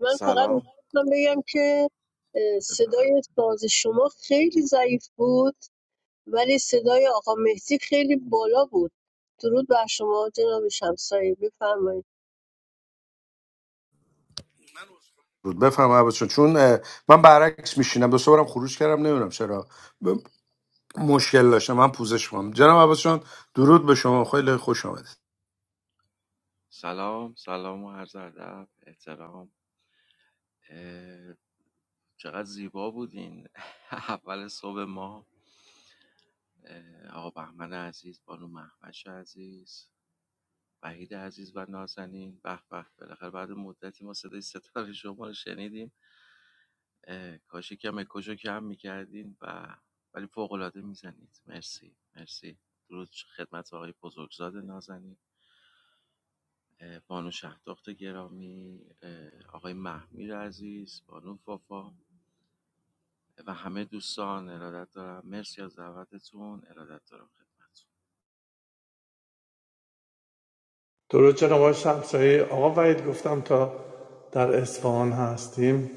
Speaker 5: من فقط میخواستم بگم که اه، صدای ساز شما خیلی ضعیف بود ولی صدای آقا مهدی خیلی بالا بود درود بر شما جناب شمسایی بفرمایید
Speaker 3: بود بفهم عباس جان. چون اه، من برعکس میشینم دو سه بارم خروج کردم نمیدونم چرا مشکل داشتم من پوزش کنم جناب عباسشان درود به شما خیلی خوش آمدید
Speaker 4: درود جناب آقای شمسایی آقا وحید گفتم تا در اصفهان هستیم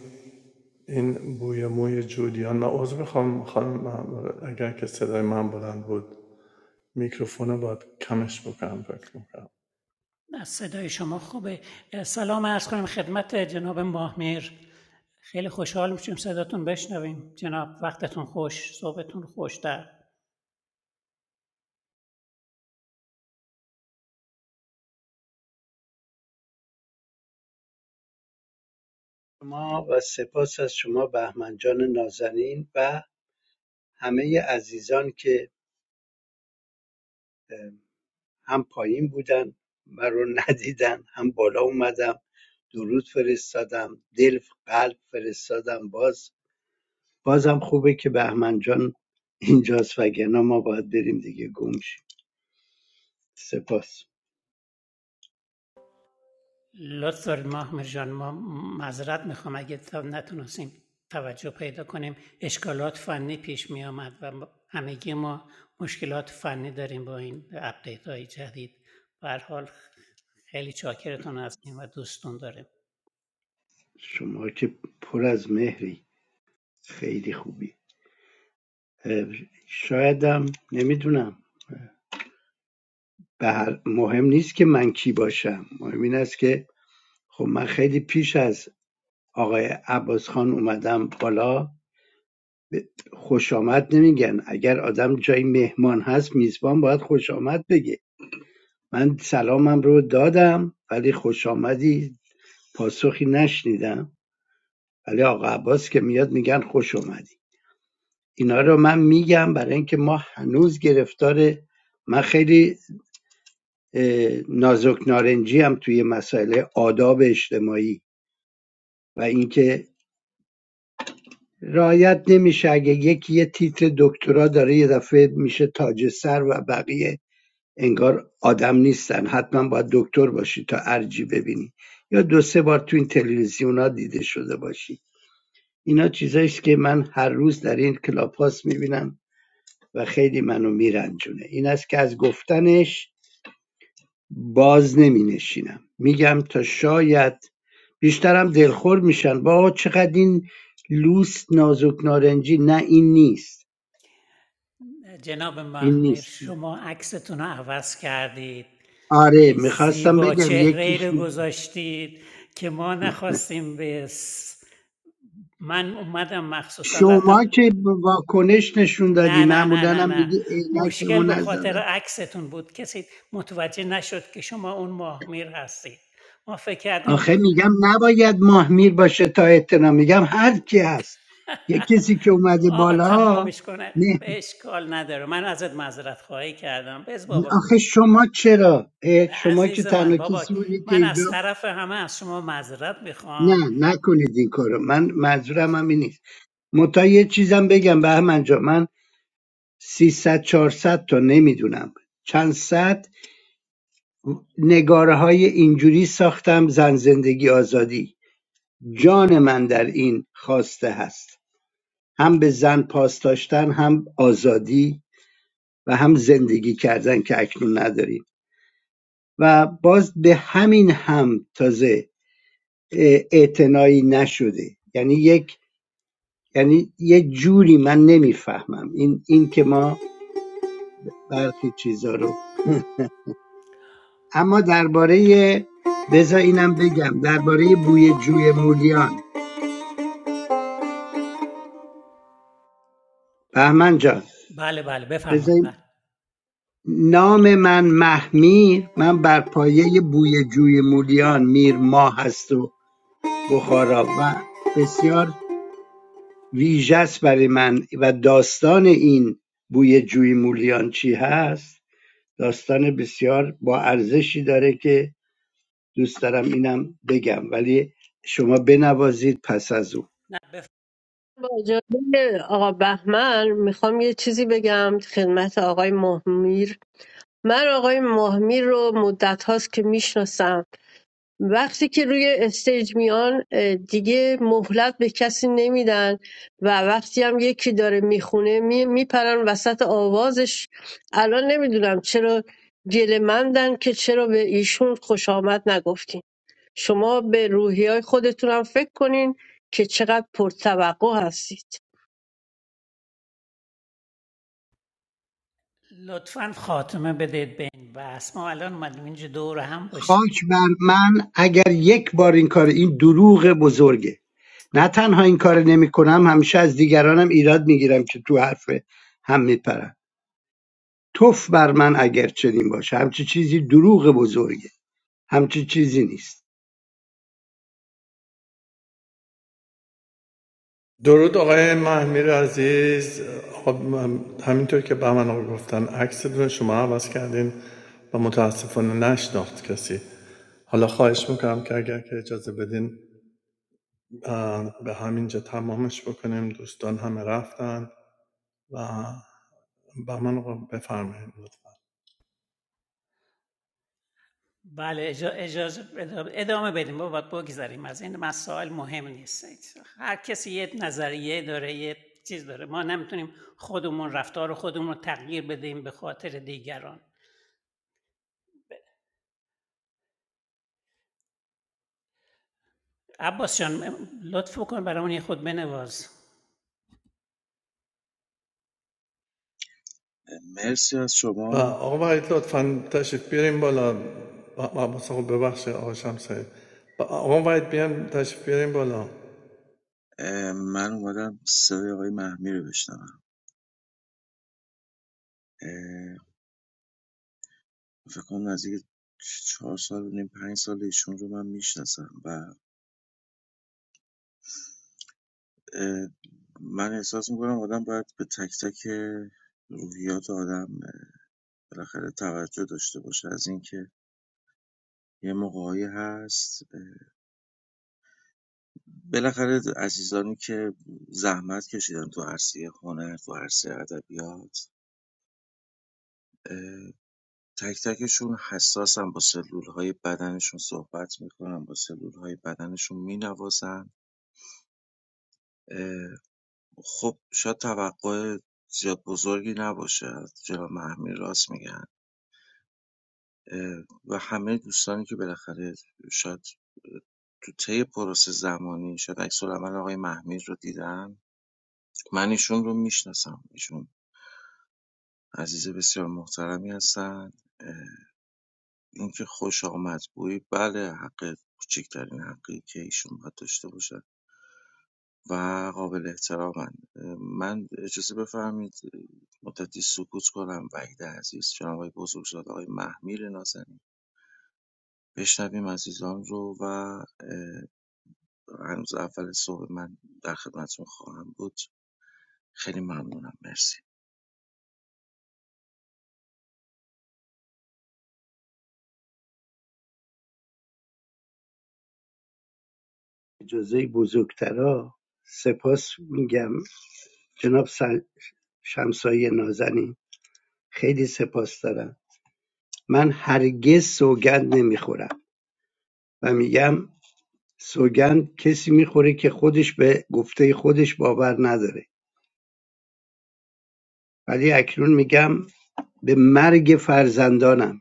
Speaker 4: این بوی موی جودیان من عضو میخوام خانم اگر که صدای من بلند بود میکروفون رو باید کمش بکنم فکر میکنم
Speaker 1: نه صدای شما خوبه سلام عرض کنم خدمت جناب ماهمیر خیلی خوشحال میشیم صداتون بشنویم جناب وقتتون خوش صحبتون خوش در
Speaker 7: شما و سپاس از شما بهمن جان نازنین و همه عزیزان که هم پایین بودن من رو ندیدن هم بالا اومدم درود فرستادم دل قلب فرستادم باز بازم خوبه که بهمن جان اینجاست وگرنه ما باید بریم دیگه گم شیم سپاس
Speaker 1: لطف دارید محمد جان ما معذرت میخوام اگه تا نتونستیم توجه پیدا کنیم اشکالات فنی پیش می آمد و همگی ما مشکلات فنی داریم با این اپدیت های جدید به هر حال خیلی چاکرتون هستیم و دوستون داریم
Speaker 7: شما که پر از مهری خیلی خوبی شایدم نمیدونم به هر- مهم نیست که من کی باشم مهم این است که خب من خیلی پیش از آقای عباس خان اومدم بالا خوش آمد نمیگن اگر آدم جای مهمان هست میزبان باید خوش آمد بگه من سلامم رو دادم ولی خوش آمدی پاسخی نشنیدم ولی آقا عباس که میاد میگن خوش اومدی اینا رو من میگم برای اینکه ما هنوز گرفتار من خیلی نازک نارنجی هم توی مسائل آداب اجتماعی و اینکه رعایت نمیشه اگه یکی یه تیتر دکترا داره یه دفعه میشه تاج سر و بقیه انگار آدم نیستن حتما باید دکتر باشی تا ارجی ببینی یا دو سه بار تو این تلویزیونا دیده شده باشی اینا چیزاییست که من هر روز در این کلاپاس میبینم و خیلی منو میرنجونه این است که از گفتنش باز نمی میگم تا شاید بیشترم دلخور میشن با چقدر این لوس نازک نارنجی نه این نیست
Speaker 1: جناب
Speaker 7: این
Speaker 1: محمیر
Speaker 7: نیست
Speaker 1: شما عکستون رو عوض کردید
Speaker 7: آره
Speaker 1: یه
Speaker 7: میخواستم
Speaker 1: زیبا
Speaker 7: بگم
Speaker 1: چهره
Speaker 7: یکیش
Speaker 1: رو گذاشتید که ما نخواستیم بس. س- من اومدم مخصوصا رفتم
Speaker 7: شما که واکنش نشون دادی
Speaker 1: نه نه نه
Speaker 7: معمولا
Speaker 1: نه
Speaker 7: هم
Speaker 1: نه
Speaker 7: میگی عینکمو
Speaker 1: مشکل به خاطر
Speaker 7: نزدم
Speaker 1: عکستون بود کسی متوجه نشد که شما اون ماهمیر هستید ما فکر کردیم
Speaker 7: آخه میگم نباید ماهمیر باشه تا احترام میگم هر کی هست یه کسی که اومده
Speaker 1: آقا
Speaker 7: بالا
Speaker 1: تمومش کنه
Speaker 7: نه
Speaker 1: به اشکال نداره من ازت معذرت خواهی کردم بز بابا
Speaker 7: آخه شما چرا اه، شما که
Speaker 1: عزیز من
Speaker 7: تنها
Speaker 1: بابا
Speaker 7: کسی بودی که
Speaker 1: من از
Speaker 7: اینجا
Speaker 1: طرف همه از شما معذرت
Speaker 7: نه
Speaker 1: میخوام
Speaker 7: نکنید این کارو من منظورم هم این نیست متا یه چیزم بگم بهمن جا من 300 400 تا نمیدونم چند صد نگارههای اینجوری ساختم زن زندگی آزادی جان من در این خواسته هست هم به زن پاس داشتن هم آزادی و هم زندگی کردن که اکنون نداریم و باز به همین هم تازه اه، اعتنایی نشده یعنی یک یعنی یه جوری من نمیفهمم این این که ما برخی چیزا رو اما درباره بذار اینم بگم درباره بوی جوی مولیان بهمن جان
Speaker 1: بله بله بفرمایید
Speaker 7: بزن
Speaker 1: بله
Speaker 7: نام من محمیر من بر پایه بوی جوی مولیان میر ماه هست و بخارا و بسیار ویژه است برای من و داستان این بوی جوی مولیان چی هست داستان بسیار با ارزشی داره که دوست دارم اینم بگم ولی شما بنوازید پس از او
Speaker 1: نه بف...
Speaker 5: با اجازه آقا بهمن میخوام یه چیزی بگم خدمت آقای مهمیر من آقای ماهمی رو مدت هاست که میشناسم وقتی که روی استیج میان دیگه مهلت به کسی نمیدن و وقتی هم یکی داره میخونه میپرن وسط آوازش الان نمیدونم چرا گله مندن که چرا به ایشون خوش آمد نگفتین شما به روحی خودتون هم فکر کنین که چقدر پرتوقع هستید
Speaker 1: لطفا خاتمه بدید به این بحث ما الان اومدیم اینجا دور هم باشیم
Speaker 7: خاک بر من اگر یک بار این کار این دروغ بزرگه نه تنها این کار نمیکنم همیشه از دیگرانم ایراد میگیرم که تو حرف هم میپرن توف بر من اگر چنین باشه همچی چیزی دروغ بزرگه همچی چیزی نیست
Speaker 4: درود آقای محمیر عزیز خب همینطور که به من گفتن عکستون رو شما عوض کردین و متاسفانه نشناخت کسی حالا خواهش میکنم که اگر که اجازه بدین اه، به همینجا تمامش بکنیم دوستان همه رفتن و به من بفرمایید لطفا
Speaker 1: بله اجازه ادامه بدیم ما باید بگذاریم از این مسائل مهم نیست هر کسی یه نظریه داره یه چیز داره ما نمیتونیم خودمون رفتار خودمون رو تغییر بدیم به خاطر دیگران عباس جان لطف بکن برامون یه خود بنواز
Speaker 4: و آقا وحید لطفا تشریف بیاریم بالا عباس آقا ببخشید آقا شمسایی آقا وحید بیان تشریف بیاریم بالا
Speaker 7: اجازه بزرگترا سپاس میگم جناب سل- شمسایی نازنین خیلی سپاس دارم من هرگز سوگند نمیخورم و میگم سوگند کسی میخوره که خودش به گفته خودش باور نداره ولی اکنون میگم به مرگ فرزندانم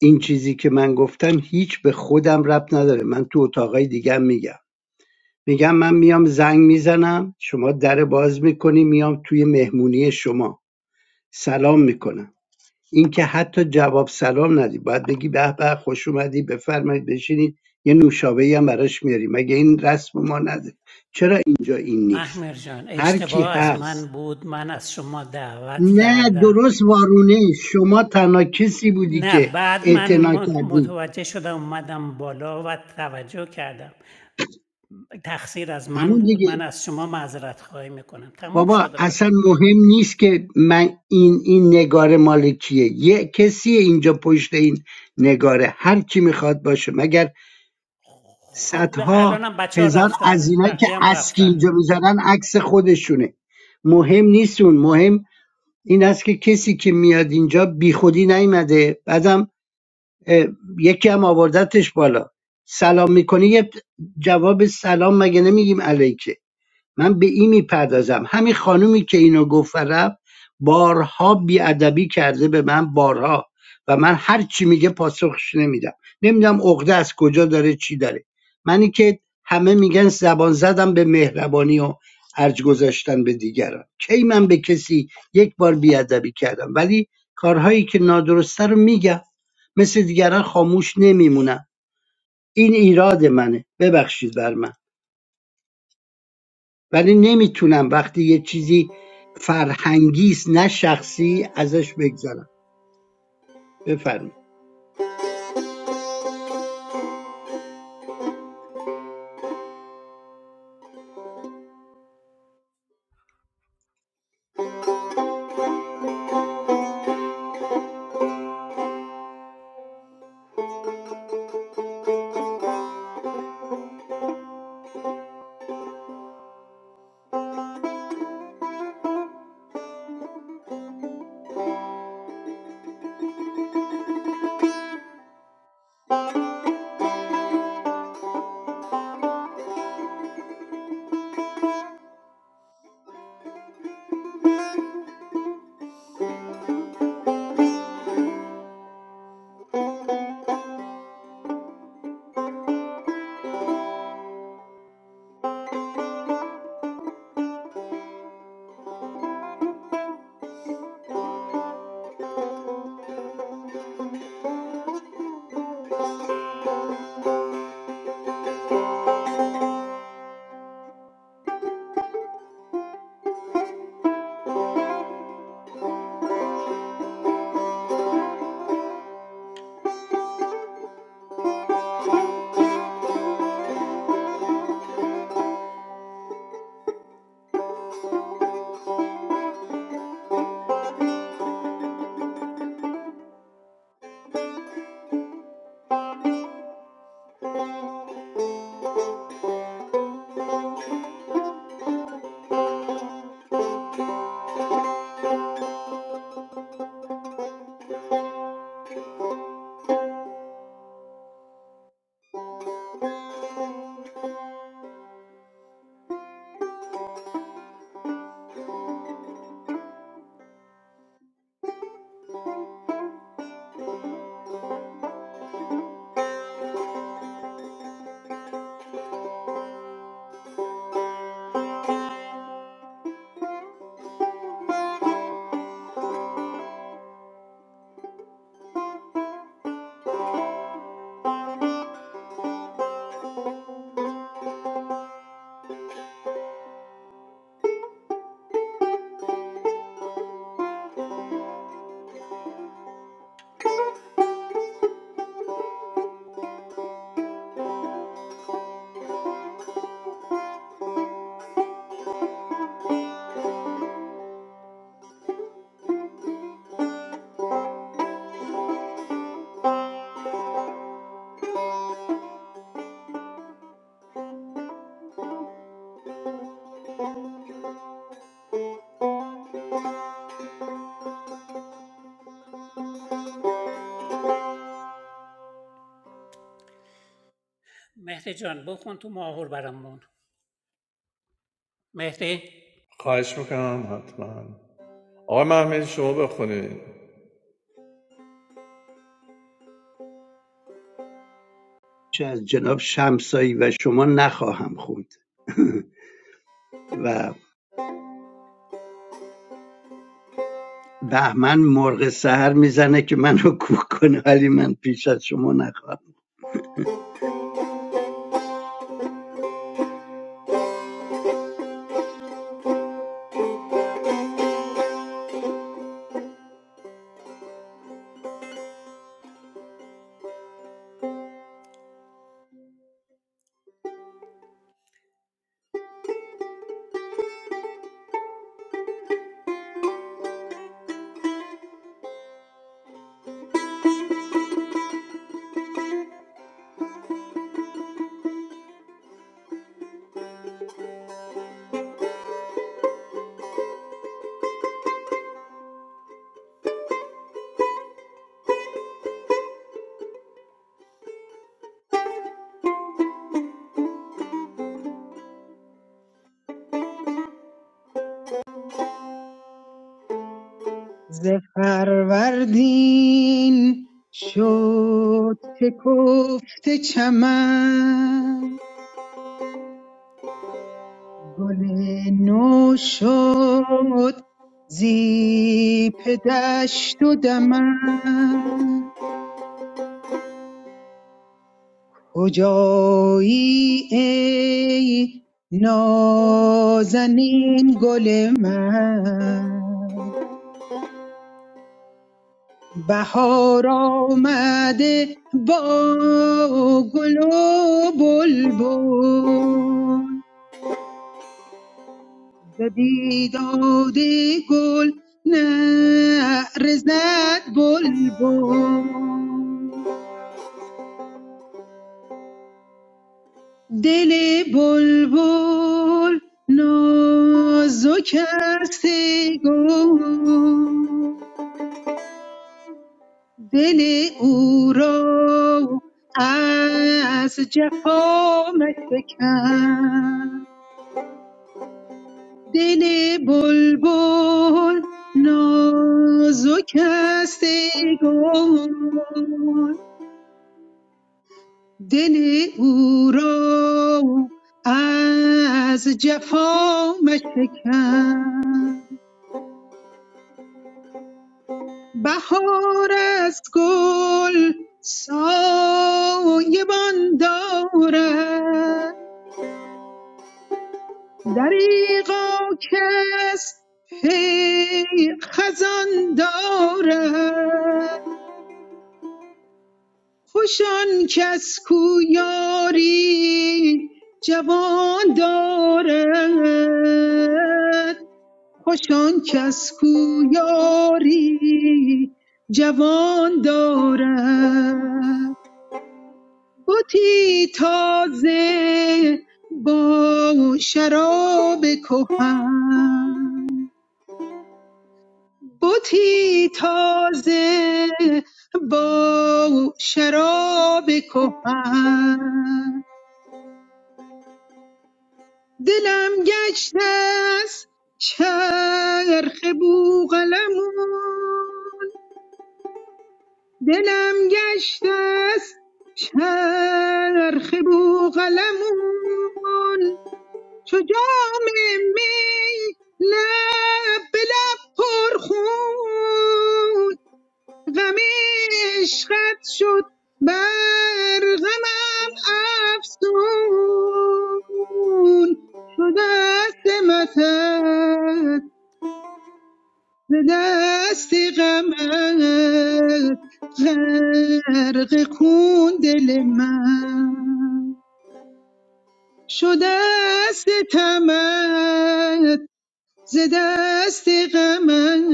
Speaker 7: این چیزی که من گفتم هیچ به خودم ربط نداره من تو اتاقای دیگه میگم میگم من میام زنگ میزنم شما در باز میکنی میام توی مهمونی شما سلام میکنم اینکه حتی جواب سلام ندی باید بگی به به خوش اومدی بفرمایید بشینید یه نوشابه هم براش میاری مگه این رسم ما نداره چرا اینجا این نیست
Speaker 1: محمر جان
Speaker 7: هر کی
Speaker 1: اشتباه از من
Speaker 7: هست
Speaker 1: بود من از شما دعوت
Speaker 7: نه
Speaker 1: کردم
Speaker 7: درست وارونه شما تنها کسی بودی
Speaker 1: نه
Speaker 7: که
Speaker 1: بعد من
Speaker 7: اعتنا کردی
Speaker 1: متوجه شدم اومدم بالا و توجه کردم تقصیر از من
Speaker 7: همون
Speaker 1: بود
Speaker 7: دیگه
Speaker 1: من از شما معذرت خواهی میکنم تمام شد
Speaker 7: بابا
Speaker 1: رفت
Speaker 7: اصلا
Speaker 1: دیگه.
Speaker 7: مهم نیست که من این این نگار مال کیه یه کسی اینجا پشت این نگاره هر کی میخواد باشه مگر
Speaker 1: خب
Speaker 7: صدها
Speaker 1: الانم بچه ها
Speaker 7: هزار از
Speaker 1: رفتن
Speaker 7: اینایی که
Speaker 1: بقیه هم
Speaker 7: اسکی
Speaker 1: رفتن
Speaker 7: اینجا میزنن عکس خودشونه مهم نیستون مهم این است که کسی که میاد اینجا بیخودی نیومده بعدم اه، یکی هم آوردتش بالا سلام میکنی یه جواب سلام مگه نمیگیم علیکه من به این میپردازم همین خانومی که اینو گفت رفت بارها بیادبی کرده به من بارها و من هر چی میگه پاسخش نمیدم نمیدم عقده از کجا داره چی داره منی که همه میگن زبان زدم به مهربانی و ارج گذاشتن به دیگران کی من به کسی یک بار بیادبی کردم ولی کارهایی که نادرسته رو میگم مثل دیگران خاموش نمیمونم این ایراد منه ببخشید بر من ولی نمیتونم وقتی یه چیزی فرهنگی است نه شخصی ازش بگذارم. بفرمایید
Speaker 1: مهدی جان بخون تو ماهور برامون مهدی
Speaker 4: خواهش میکنم حتما آقای محمدی شما بخونید
Speaker 7: چه از جناب شمسایی و شما نخواهم خوند و بهمن مرغ سهر میزنه که منو کوک کنه ولی من پیش از شما نخواهم
Speaker 8: ز فروردین شد شکفته چمن گل نو شد زی دشت و دمن کجایی ای نازنین گل من بهار آمده با گل و بلبل ز بیداد گل نعره زد بلبل دل بلبل نازک است ای گل دل او را از جفا مشکن دل بلبل نازک است ای گل دل او را از جفا مشکن بهار از گل سایبان دارد دریغا کس پی خزان دارد خوشان کس کو یاری جوان دارد خوشان کس کو یاری جوان دارد بتی تازه با شراب کهن بتی تازه با شراب کهن دلم گشته است چرخ بوغلمون دلم گشته است چرخ بوغلمون چو جام می لب به لب پرخون غم عشقت شد بر غمم افسون شد دست متت به دست غمت غرق کن دل من شده است تمت ز دست غمت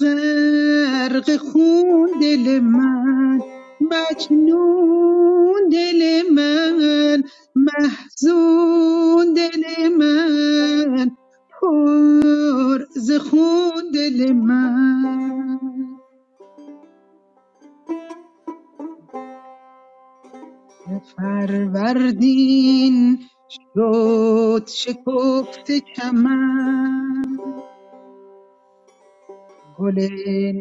Speaker 8: غرق خون دل من مجنون دل من محزون دل من پر ز خون دل من فروردین شد شکفت چمن گل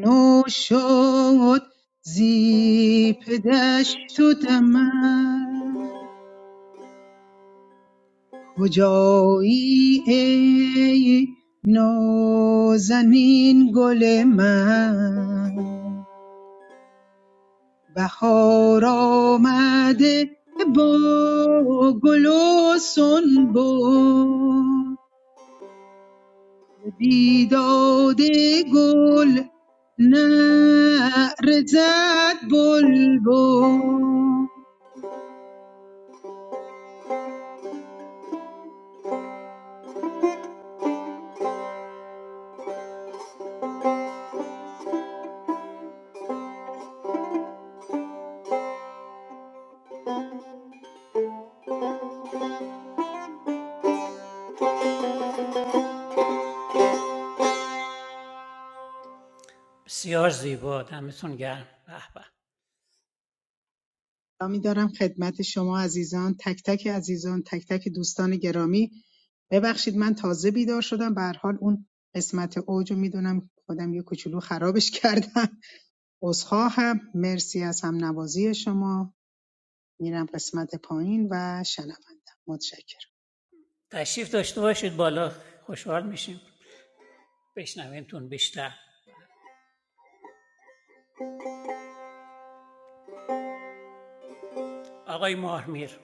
Speaker 8: نو شد زی پدشت و دمن کجایی ای نازنین گل من بهار آمده با گل و سنبل بیداد گل نرزد بلبل
Speaker 1: بسیار زیبا دمتون گرم به به
Speaker 8: سلامی دارم خدمت شما عزیزان تک تک عزیزان تک تک دوستان گرامی ببخشید من تازه بیدار شدم به هر حال اون قسمت اوج رو میدونم خودم یه کوچولو خرابش کردم عذرخواهم مرسی از هم نوازی شما میرم قسمت پایین و شنوندم متشکرم
Speaker 1: تشریف داشته باشید بالا خوشحال میشیم بشنوینتون بیشتر آقای ماهمیر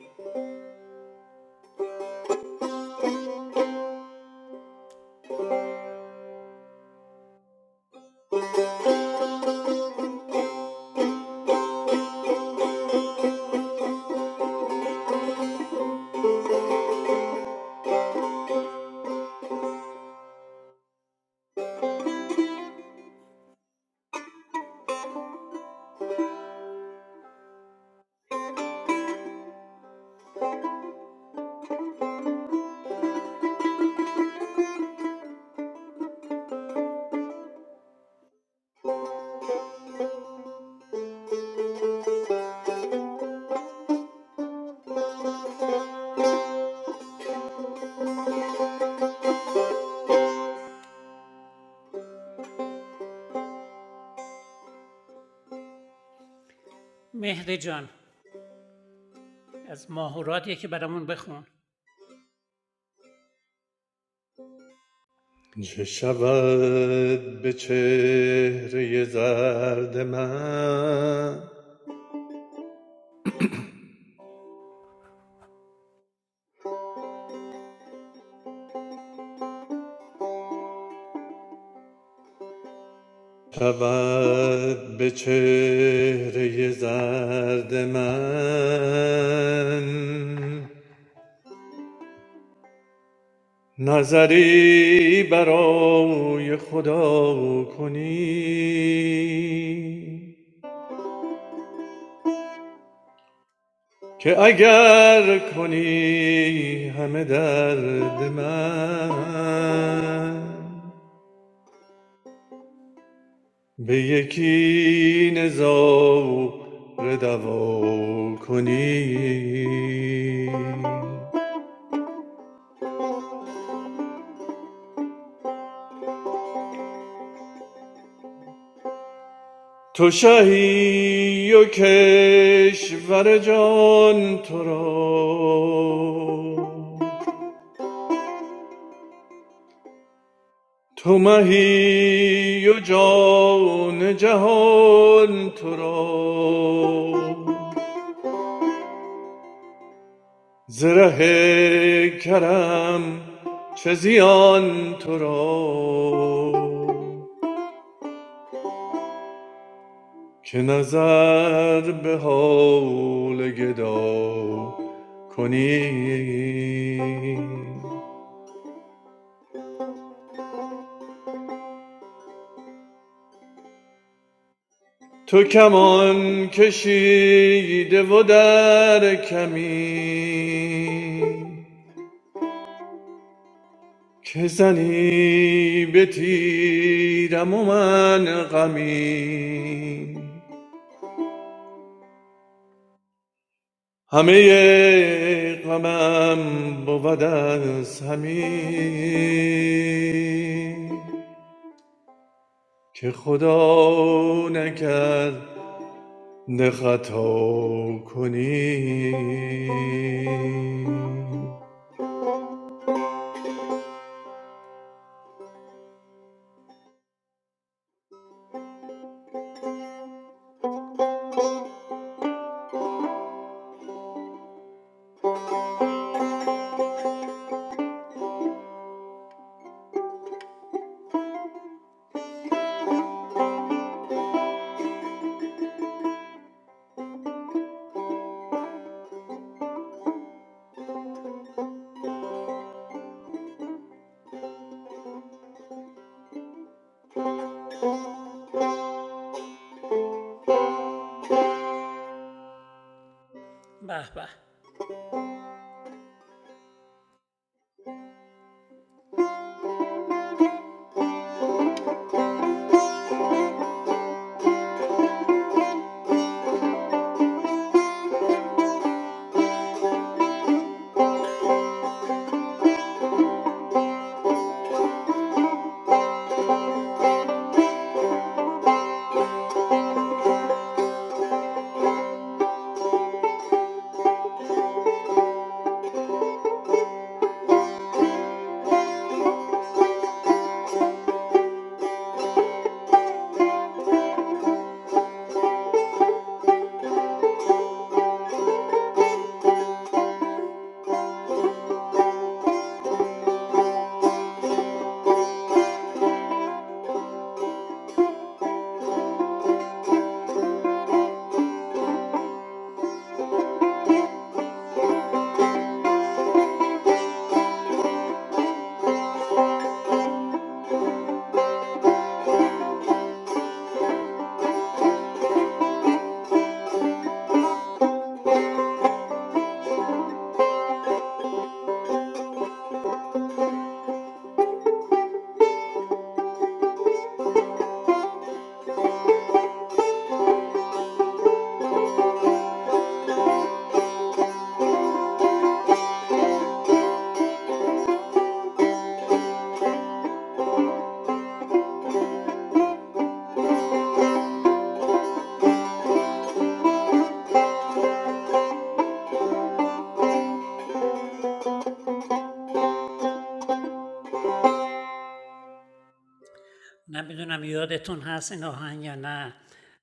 Speaker 1: مهدی جان از ماهوراتیه که برامون بخون
Speaker 4: چه شود به چهره زرد من شود به چهره زرد من نظری برای خدا کنی که اگر کنی همه درد من به یکی نظاره دوا کنی تو شهی و کشور جان تو را تو مهی و جان جهان تو را زره کرم چه زیان تو را که نظر به حال گدا کنی تو کمان کشیده و در کمی که زنی به تیرم و من غمی همه غمم بود از همین که خدا نکرد نه خطا کنی
Speaker 1: به به نمیدونم یادتون هست این آهنگ یا نه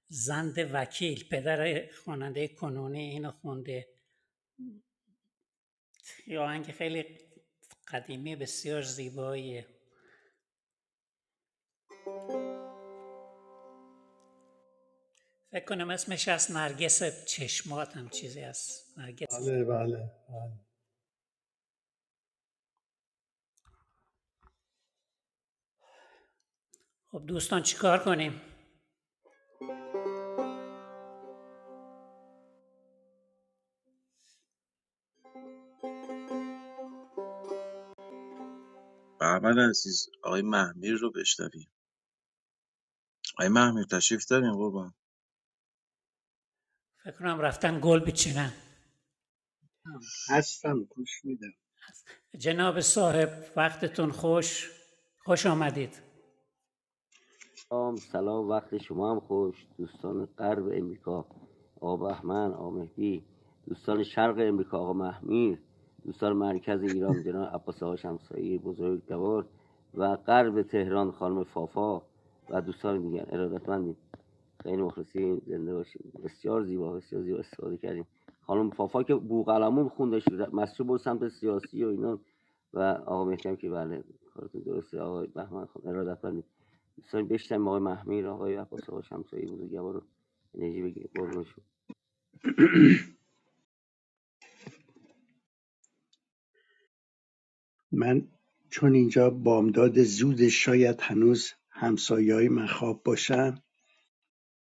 Speaker 1: زند وکیل پدر خواننده کنونی اینو خونده یه آهنگ خیلی قدیمی بسیار زیباییه فکر کنم اسمش از نرگس چشمات هم چیزی از نرگس م-
Speaker 4: بله بله بله.
Speaker 1: خب دوستان چیکار کنیم فکر کنم رفتن گل بچینن
Speaker 7: هستم گوش میدم
Speaker 1: جناب صاحب وقتتون خوش خوش آمدید
Speaker 9: سلام سلام وقت شما هم خوش دوستان غرب امریکا آقا بهمن آقا مهدی دوستان شرق امریکا آقا محمیر دوستان مرکز ایران جناب عباس آقا شمسایی بزرگوار و غرب تهران خانم فافا و دوستان دیگر ارادتمندیم خیلی مخلصی زنده باشیم بسیار زیبا بسیار زیبا استفاده کردیم خانم پافا که بوقلمون خوندش مسجد برو سمت سیاسی و اینا و آقا مهدی که بله کارتون درسته آقای بهمن خان ارادتمندی دوستان بشتم آقای محمیر آقای عباس آقا شمسایی بزرگوار رو انرژی بگیر قربون شو
Speaker 7: من چون اینجا بامداد زود شاید هنوز همسایه های من خواب باشن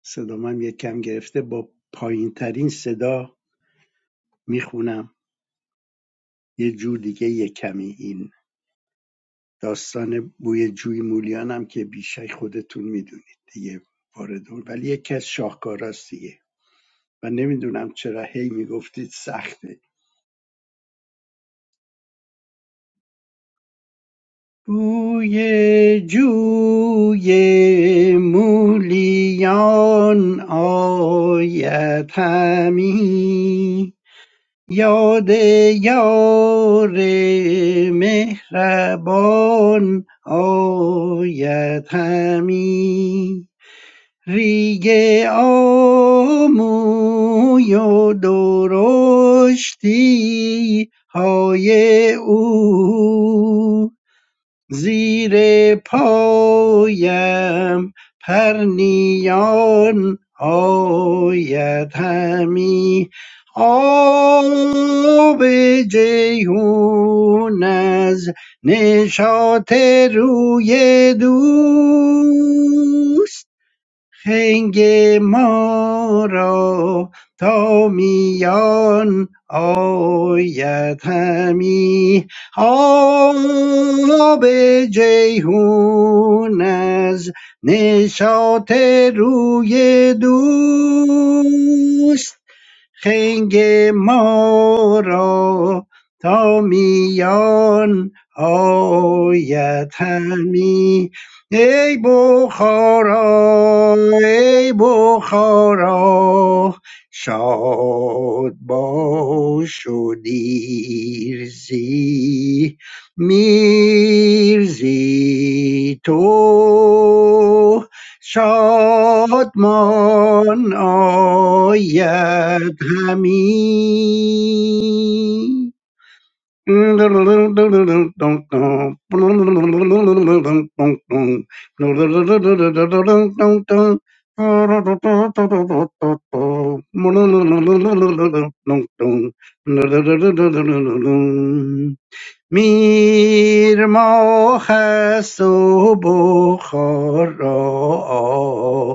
Speaker 7: صدامم یه کم گرفته با پایین ترین صدا میخونم یه جو دیگه دیگه‌یه کمی این داستان بوی جوی مولیان هم که بیشک خودتون میدونید دیگه وارد اون- ولی یکی از شاهکاراست دیگه و نمیدونم چرا هی میگفتید سخته بوی جوی مولیان آید همی یاد یار مهربان آید همی ریگ آموی و درشتی های او زیر پایم پرنیان آید همی آب جیهون از نشاط روی دوست خنگ ما را تا میان آید همی آب جیهون از نشاط روی دوست خنگ ما را تا میان آید همی ای بخارا ای بخارا شاد باش و دیرزی میرزی تو شادمان آید همی میر ماه است و بخار را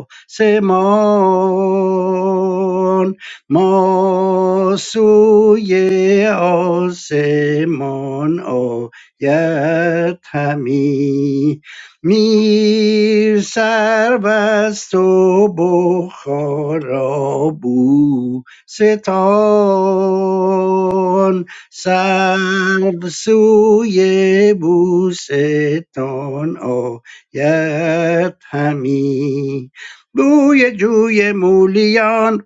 Speaker 7: آسمان ما سوی آسمان آید همی میر سر بست و بخارا بو ستان سلب سوی بوستان آید همی بوی جوی مولیان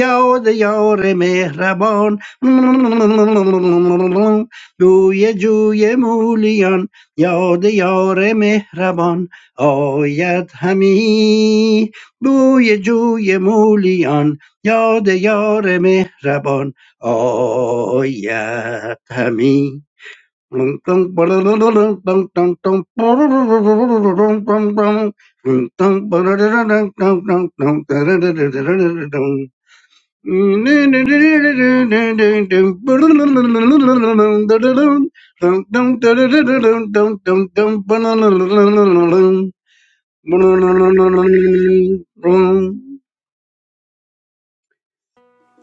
Speaker 7: یاد یار مهربان بوی جوی مولیان یاد یار مهربان آید همی بوی جوی مولیان Yo, de yo, me rabon, oh yeah, me.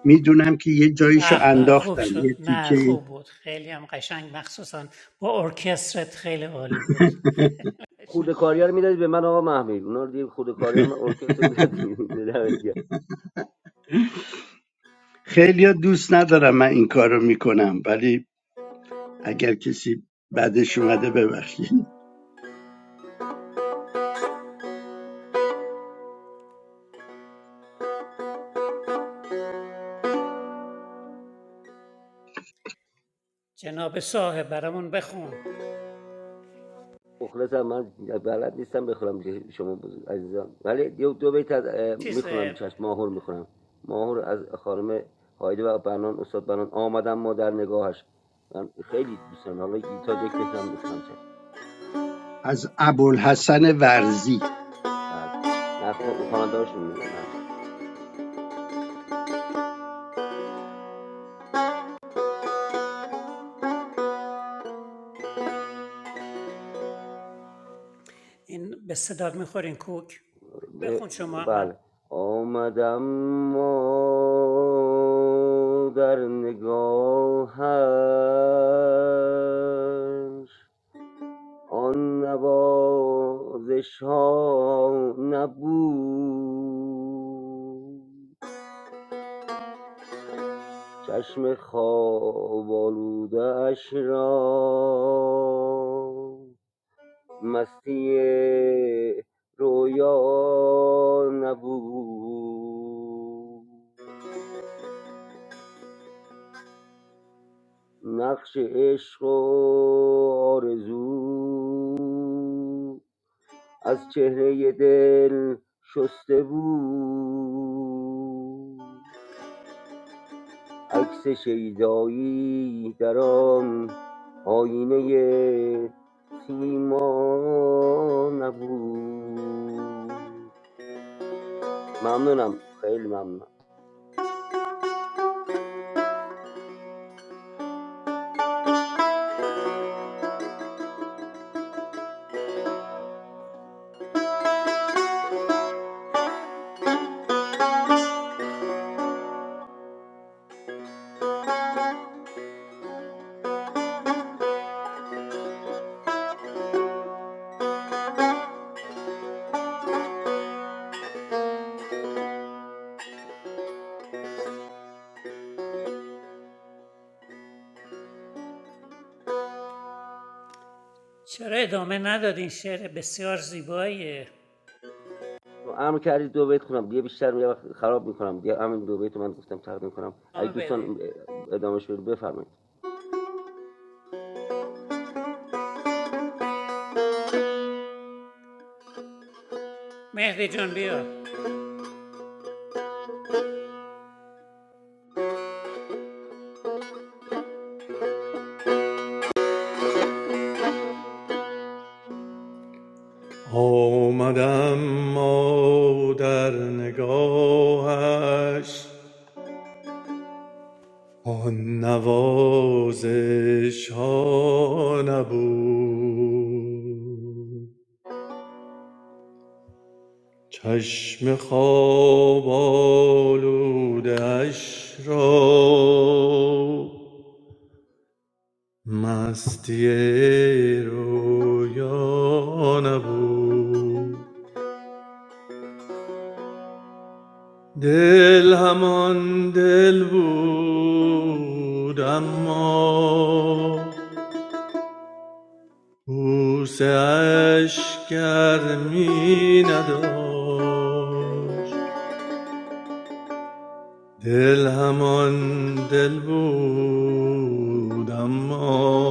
Speaker 7: میدونم که یه جاییشو
Speaker 1: به به خوب
Speaker 7: انداختم
Speaker 1: شد
Speaker 7: یه
Speaker 1: نه
Speaker 7: تیکه
Speaker 1: خوب بود خیلی هم قشنگ مخصوصا با ارکسترت خیلی عالی بود
Speaker 9: خورده کاریا رو میدادید به من آقا محمیر اونا رو دیگه خورده کاریا رو من ارکستر میدادید
Speaker 7: خیلی دوست ندارم من این کارو میکنم ولی اگر کسی بعدش اومده ببخشید
Speaker 1: جناب صاحب برامون بخون
Speaker 9: مخلصم من بلد نیستم بخونم که شما بزرگ عزیزان ولی دو, دو بیت از اه،
Speaker 1: چیز
Speaker 9: میخونم چشم ماهور میخونم ماهور از خانم هایده و بنان استاد بنان آمدم ما در نگاهش من خیلی دوست دارم حالا یه تا جک بتونم میخونم چشم
Speaker 7: از ابوالحسن ورزی
Speaker 9: بله نه خواننده هاشون میگم بله
Speaker 1: این به صدا میخورین کوک
Speaker 9: ب-
Speaker 1: بخون شما من
Speaker 9: بله آمدم ما در نگاهش آن نوازش ها نبود چشم خواب آلوده اش را مستی رویا نبود نقش عشق و آرزو از چهره دل شسته بود عکس شیدایی در آن آینه سیما نبود ممنونم خیلی ممنونم
Speaker 1: چرا ادامه ندادین شعر بسیار زیباییه
Speaker 9: تو امر کردید دو بیت خونم دیگه بیشتر یه وقت خراب میکنم دیگه همین دو بیت رو من گفتم تقدیم کنم
Speaker 1: ادامه
Speaker 9: اگه
Speaker 1: بده
Speaker 9: دوستان ادامهش رو بفرمایید
Speaker 1: مهدی جان بیا
Speaker 4: آمدم ما در نگاهش آن نوازش ها نبود چشم خواب آلودش را مستی رویا نبود دل همان دل بود اما بوسه اش گرمی نداشت دل همان دل بود اما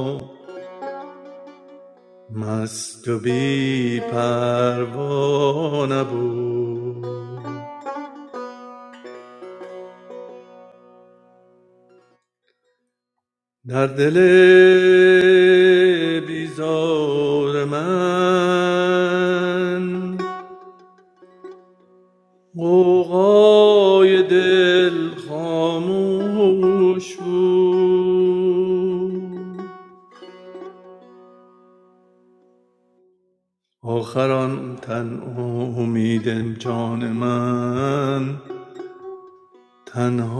Speaker 4: مست و بی پروا نبود در دل بیزار من قوقای دل خاموش بود آخر آن تن امید جان من تنها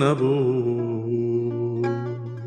Speaker 4: نبود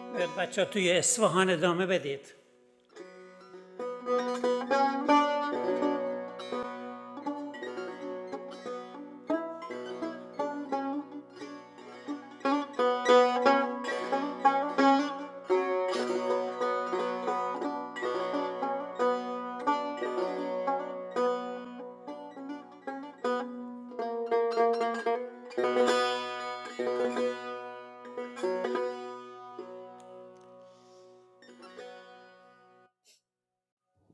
Speaker 1: به بچه ها توی اصفهان ادامه بدید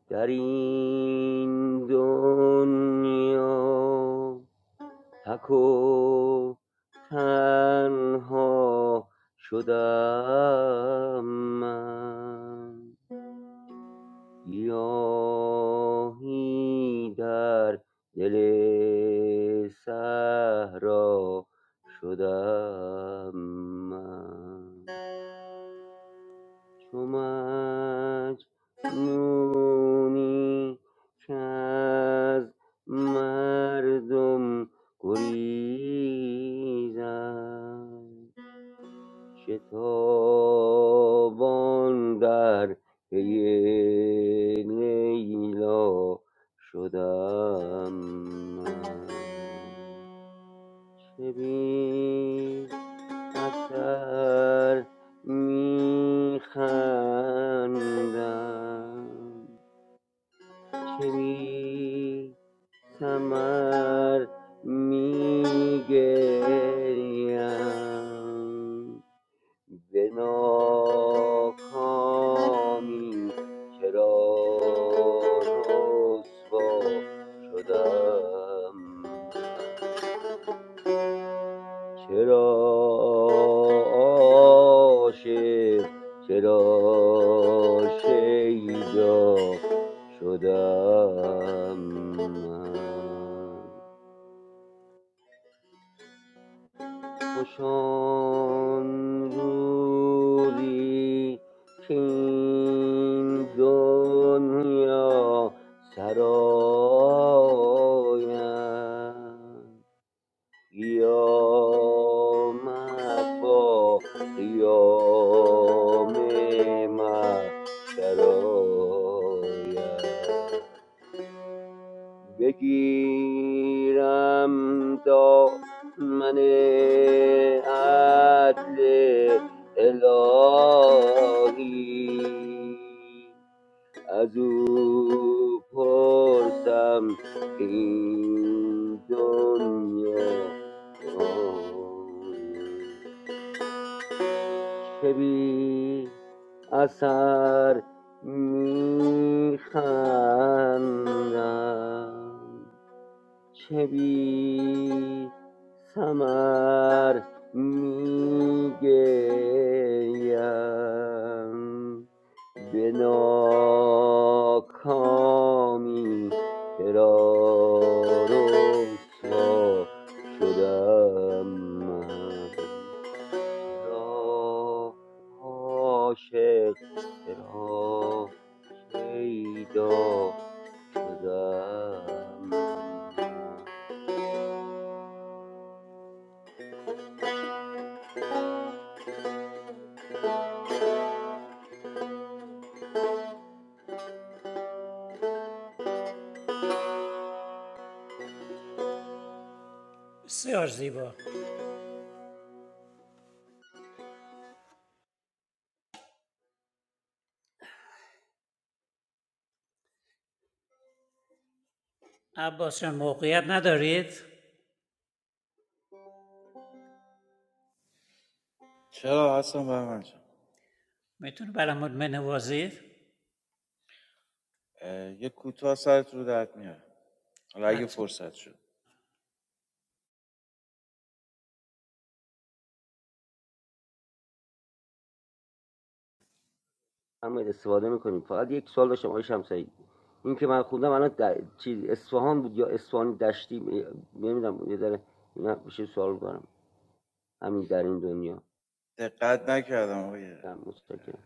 Speaker 9: در این دنیا تک و تنها شدم من گیاهی در دل صحرا شدم من چو مجنونی که مردم گریزد شتابان در پی لیلا شدم من. چه بی اثر میخندم چه می سمر میگریم به ناکامی چرا رسوا شدم من چرا عاشق چرا شیدا شدم من خوش آن روزی که این دنیا سرایم قیامت با قیام شراید بگیرم دامن عدل الهی از او پرسم که این دنیا جهان چه بی اثر میخندم چه بی ثمر میگریم به ناکامی چرا رسوا شدم من چرا عاشق چرا شیدا شدم من
Speaker 1: بسیار زیبا عباس جان موقعیت ندارید میتونه برامون بنوازید حتما
Speaker 9: هم استفاده میکنیم فقط یک سوال داشتم آقای شمسایی این که من خوندم الان چی اصفهان بود یا اصفهان دشتی نمیدونم یه ذره اینا میشه سوال دارم همین در این دنیا هم متشکرم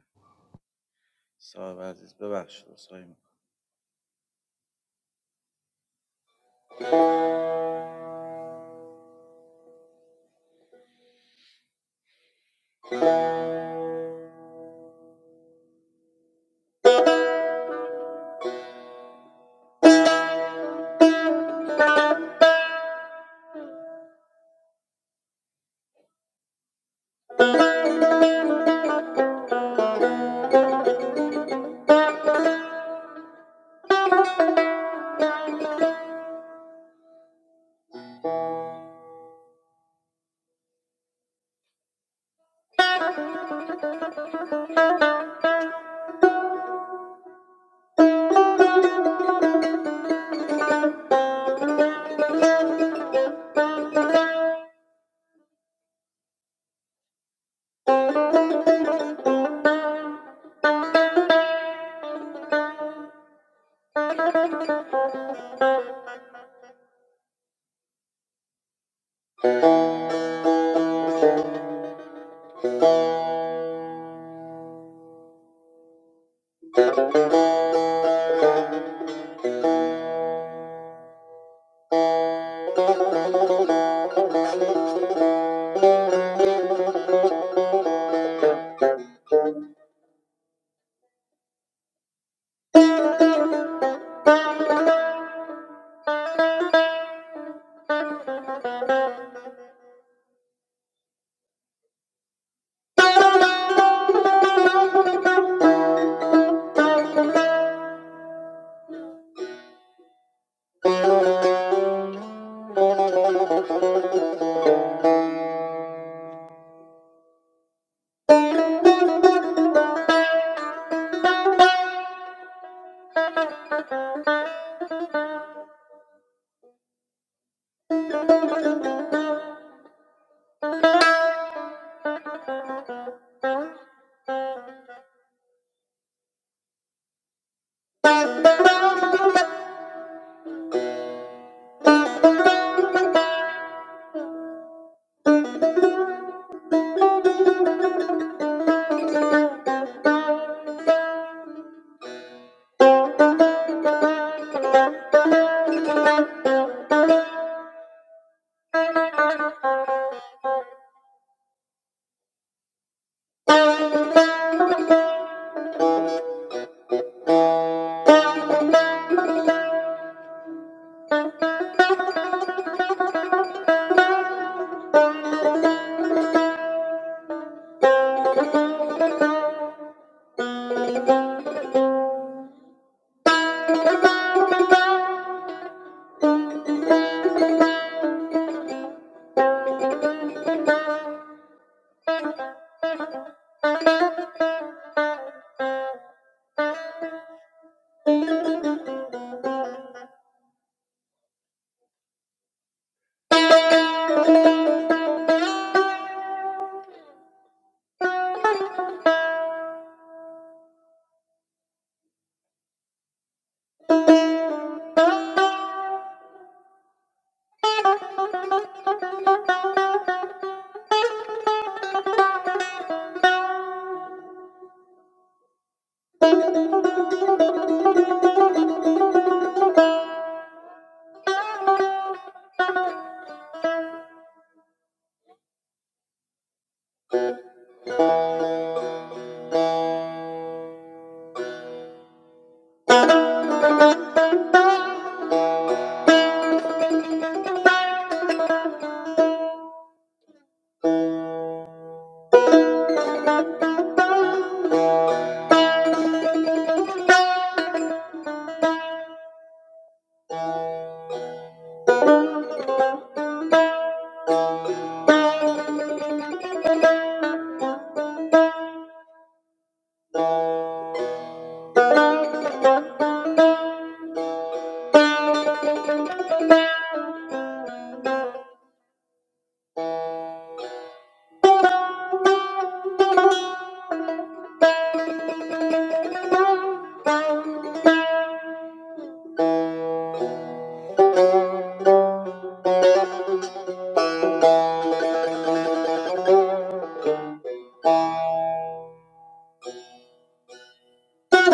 Speaker 10: Thank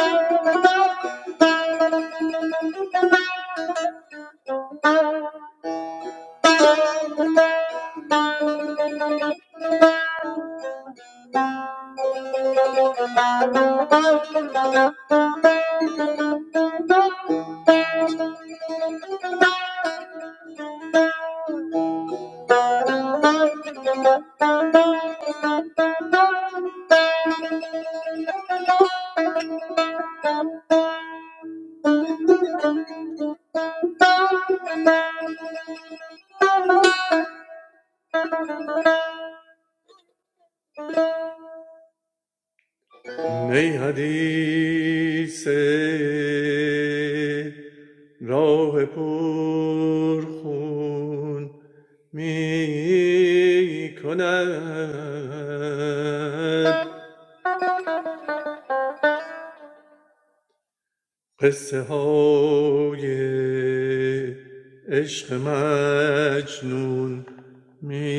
Speaker 10: you. Thank
Speaker 4: نی حدیث راه پرخون می کند
Speaker 10: you.
Speaker 4: قصه های عشق مجنون می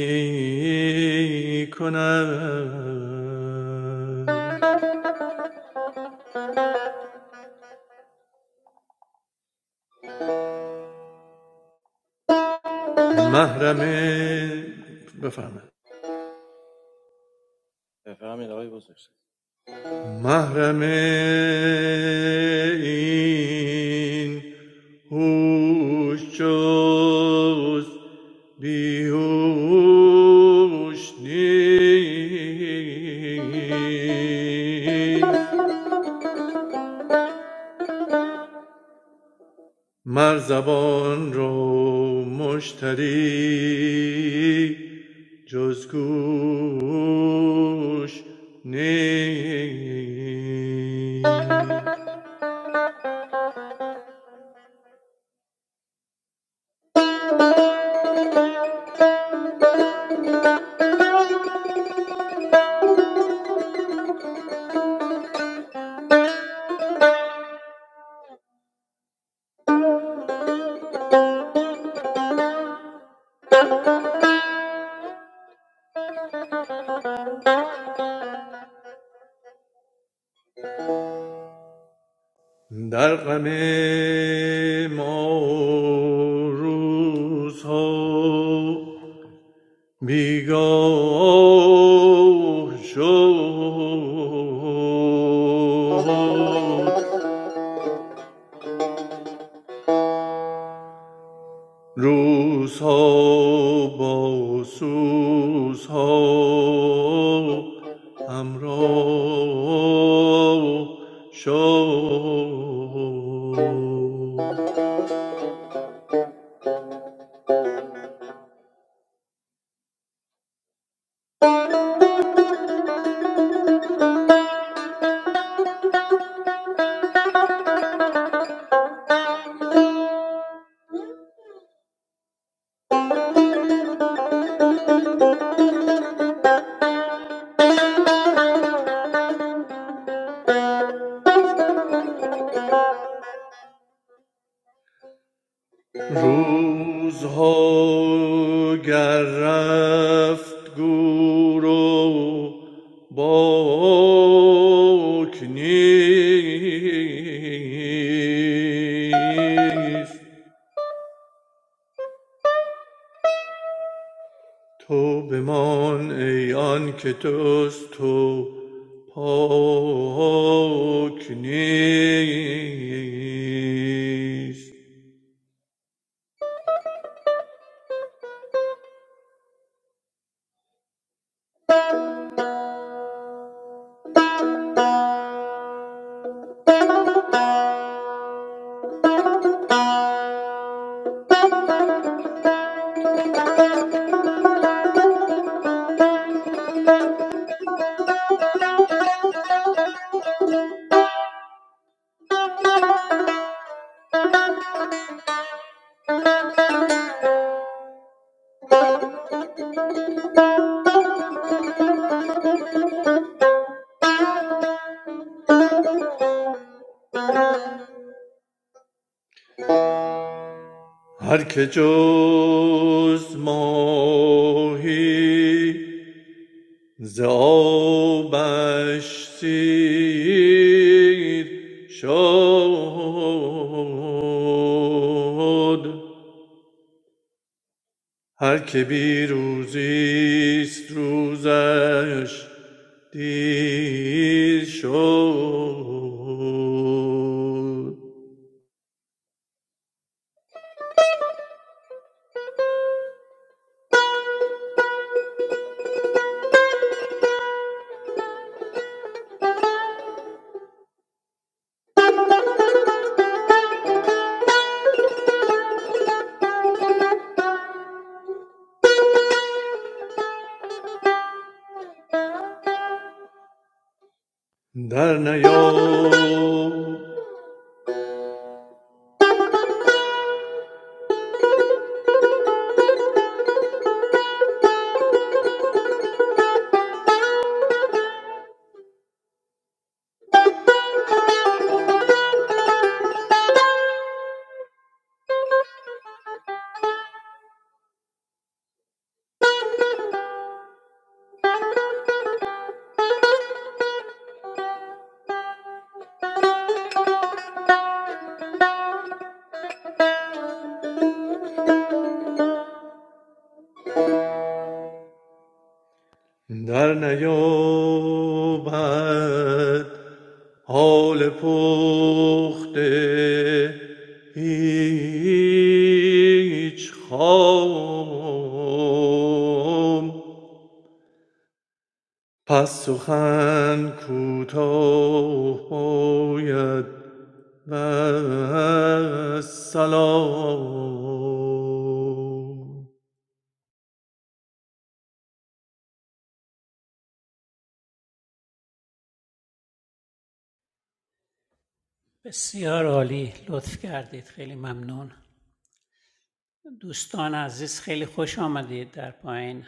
Speaker 4: کند محرم بفرمایید محرم این هوش جز بیهوش نیست مر زبان رو مشتری جز گوش نیست در غم ما روزها بیگاه شد روزها با سوزها همراه شد روزها گر رفت گور و باک نیست تو بمان ای آن که توست تو پاک نیست هر که جز ماهی ز آبش سیر شد هر که بی روزیست روزش دیر شد در نیام در نیابد حال پخته هیچ خام پس سخن کوتاه باید و سلام
Speaker 1: بسیار عالی لطف کردید خیلی ممنون دوستان عزیز خیلی خوش آمدید در پایین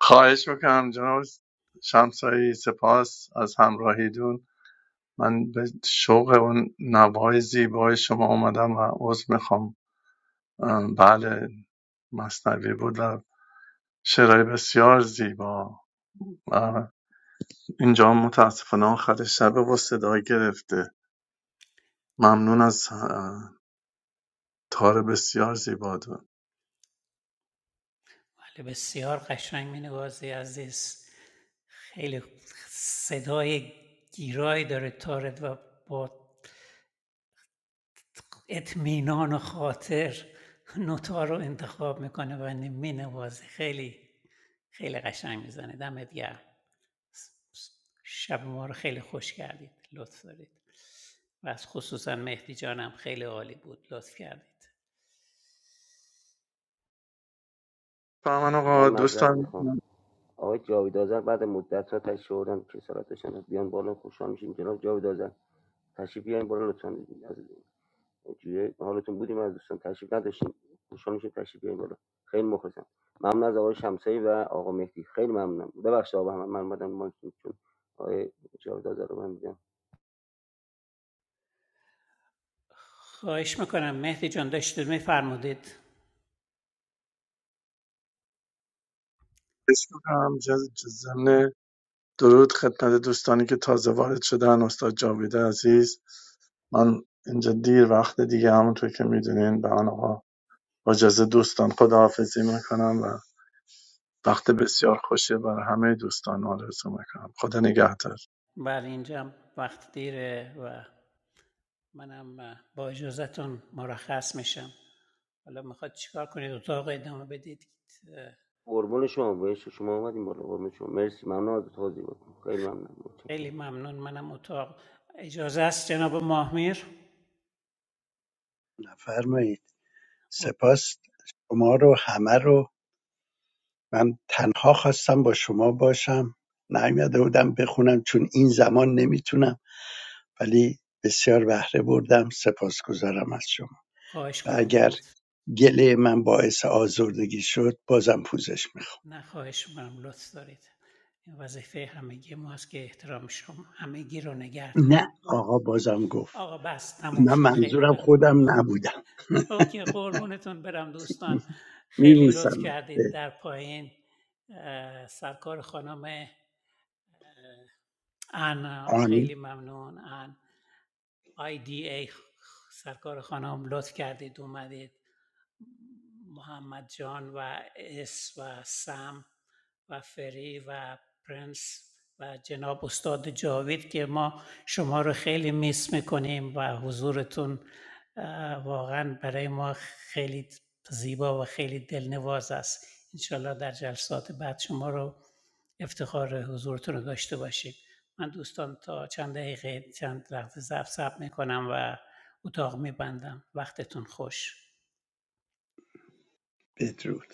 Speaker 4: خواهش میکنم جناب شمسایی سپاس از همراهیدون من به شوق اون نوای زیبای شما اومدم و عذر میخوام بله مصنوی بود و شعرهای بسیار زیبا اینجا هم متاسفانه آخر شب و صدا گرفته ممنون از اه، تار بسیار زیبا دو
Speaker 1: بله، بسیار قشنگ مینوازی عزیز خیلی صدای گیرایی داره تارت و با اطمینان و خاطر نوتا رو انتخاب میکنه و مینوازه خیلی خیلی قشنگ میزنه دمت گرم شب ما رو خیلی خوش کردید لطف دارید و از خصوصا مهدی جانم خیلی عالی بود لطف کردید
Speaker 4: من
Speaker 9: من
Speaker 4: آقا
Speaker 9: معذرت
Speaker 4: دوستان
Speaker 9: میخوام آقای جاوید آذر بعد مدت ها تشریف آوردن که سراتشان بیان بالا خوشحال میشیم جناب جاوید آذر تشریف بیارین بالا لطفا توی حالتون بودیم از دوستان تشریف نداشتیم خوشحال میشیم تشریف بیاریم بالا خیلی مخلصم ممنون از آقای شمسایی و آقا مهدی خیلی ممنونم ببخشید آقا من من اومدم مایکتون چون آقای جاویداد رو من دیدم
Speaker 1: خواهش میکنم مهدی جان داشتید میفرمودید
Speaker 4: بسیارم جز جز- ضمن درود خدمت دوستانی که تازه وارد شدن استاد جاوید عزیز من اینجا دیر وقت دیگه همونطور که میدونین به آنها با اجازه دوستان خداحافظی میکنم و وقت بسیار خوشی برای همه دوستان آرزو میکنم خدا نگهدار
Speaker 1: بله اینجا وقت دیره و منم اه، با اجازهتون مرخص میشم حالا میخواد چیکار کنید اتاق ادامه بدید اه،
Speaker 9: قربون شما بایش شما اومدیم بالا قربون شما مرسی ممنون از توضیحاتتون خیلی ممنونم متشکرم
Speaker 1: خیلی ممنون منم اتاق اجازه است جناب ماهمیر
Speaker 7: نفرمایید
Speaker 1: خب،
Speaker 7: سپاس شما رو همه رو من تنها خواستم با شما باشم نیومده بودم بخونم چون این زمان نمیتونم ولی بسیار بهره بردم سپاسگزارم از شما
Speaker 1: خواهش
Speaker 7: و
Speaker 1: کنم
Speaker 7: اگر
Speaker 1: لطف
Speaker 7: گله من باعث آزردگی شد بازم پوزش میخوام
Speaker 1: نه خواهش کنم لطف دارید این وظیفه همگی ما است که احترام شما همگی رو نگه داریم
Speaker 7: نه آقا بازم گفت
Speaker 1: آقا بس تموم
Speaker 7: من
Speaker 1: شد خیلی
Speaker 7: منظورم خودم
Speaker 1: ممنون
Speaker 7: نبودم
Speaker 1: اوکی قربونتون برم دوستان خیلی لطف
Speaker 7: میبوسمت
Speaker 1: کردید
Speaker 7: به
Speaker 1: در پایین سرکار خانم انا خیلی
Speaker 7: آن
Speaker 1: ممنون ان آی دی ای سرکار خانم لطف کردید اومدید محمد جان و اس و سم و فری و پرنس و جناب استاد جاوید که ما شما رو خیلی میس میکنیم و حضورتون واقعا برای ما خیلی زیبا و خیلی دلنواز است انشالله در جلسات بعد شما رو افتخار حضورتون رو داشته باشیم من دوستان تا چند دقیقه چند لحظه صبر صبر میکنم و اتاق میبندم وقتتون خوش
Speaker 7: بدرود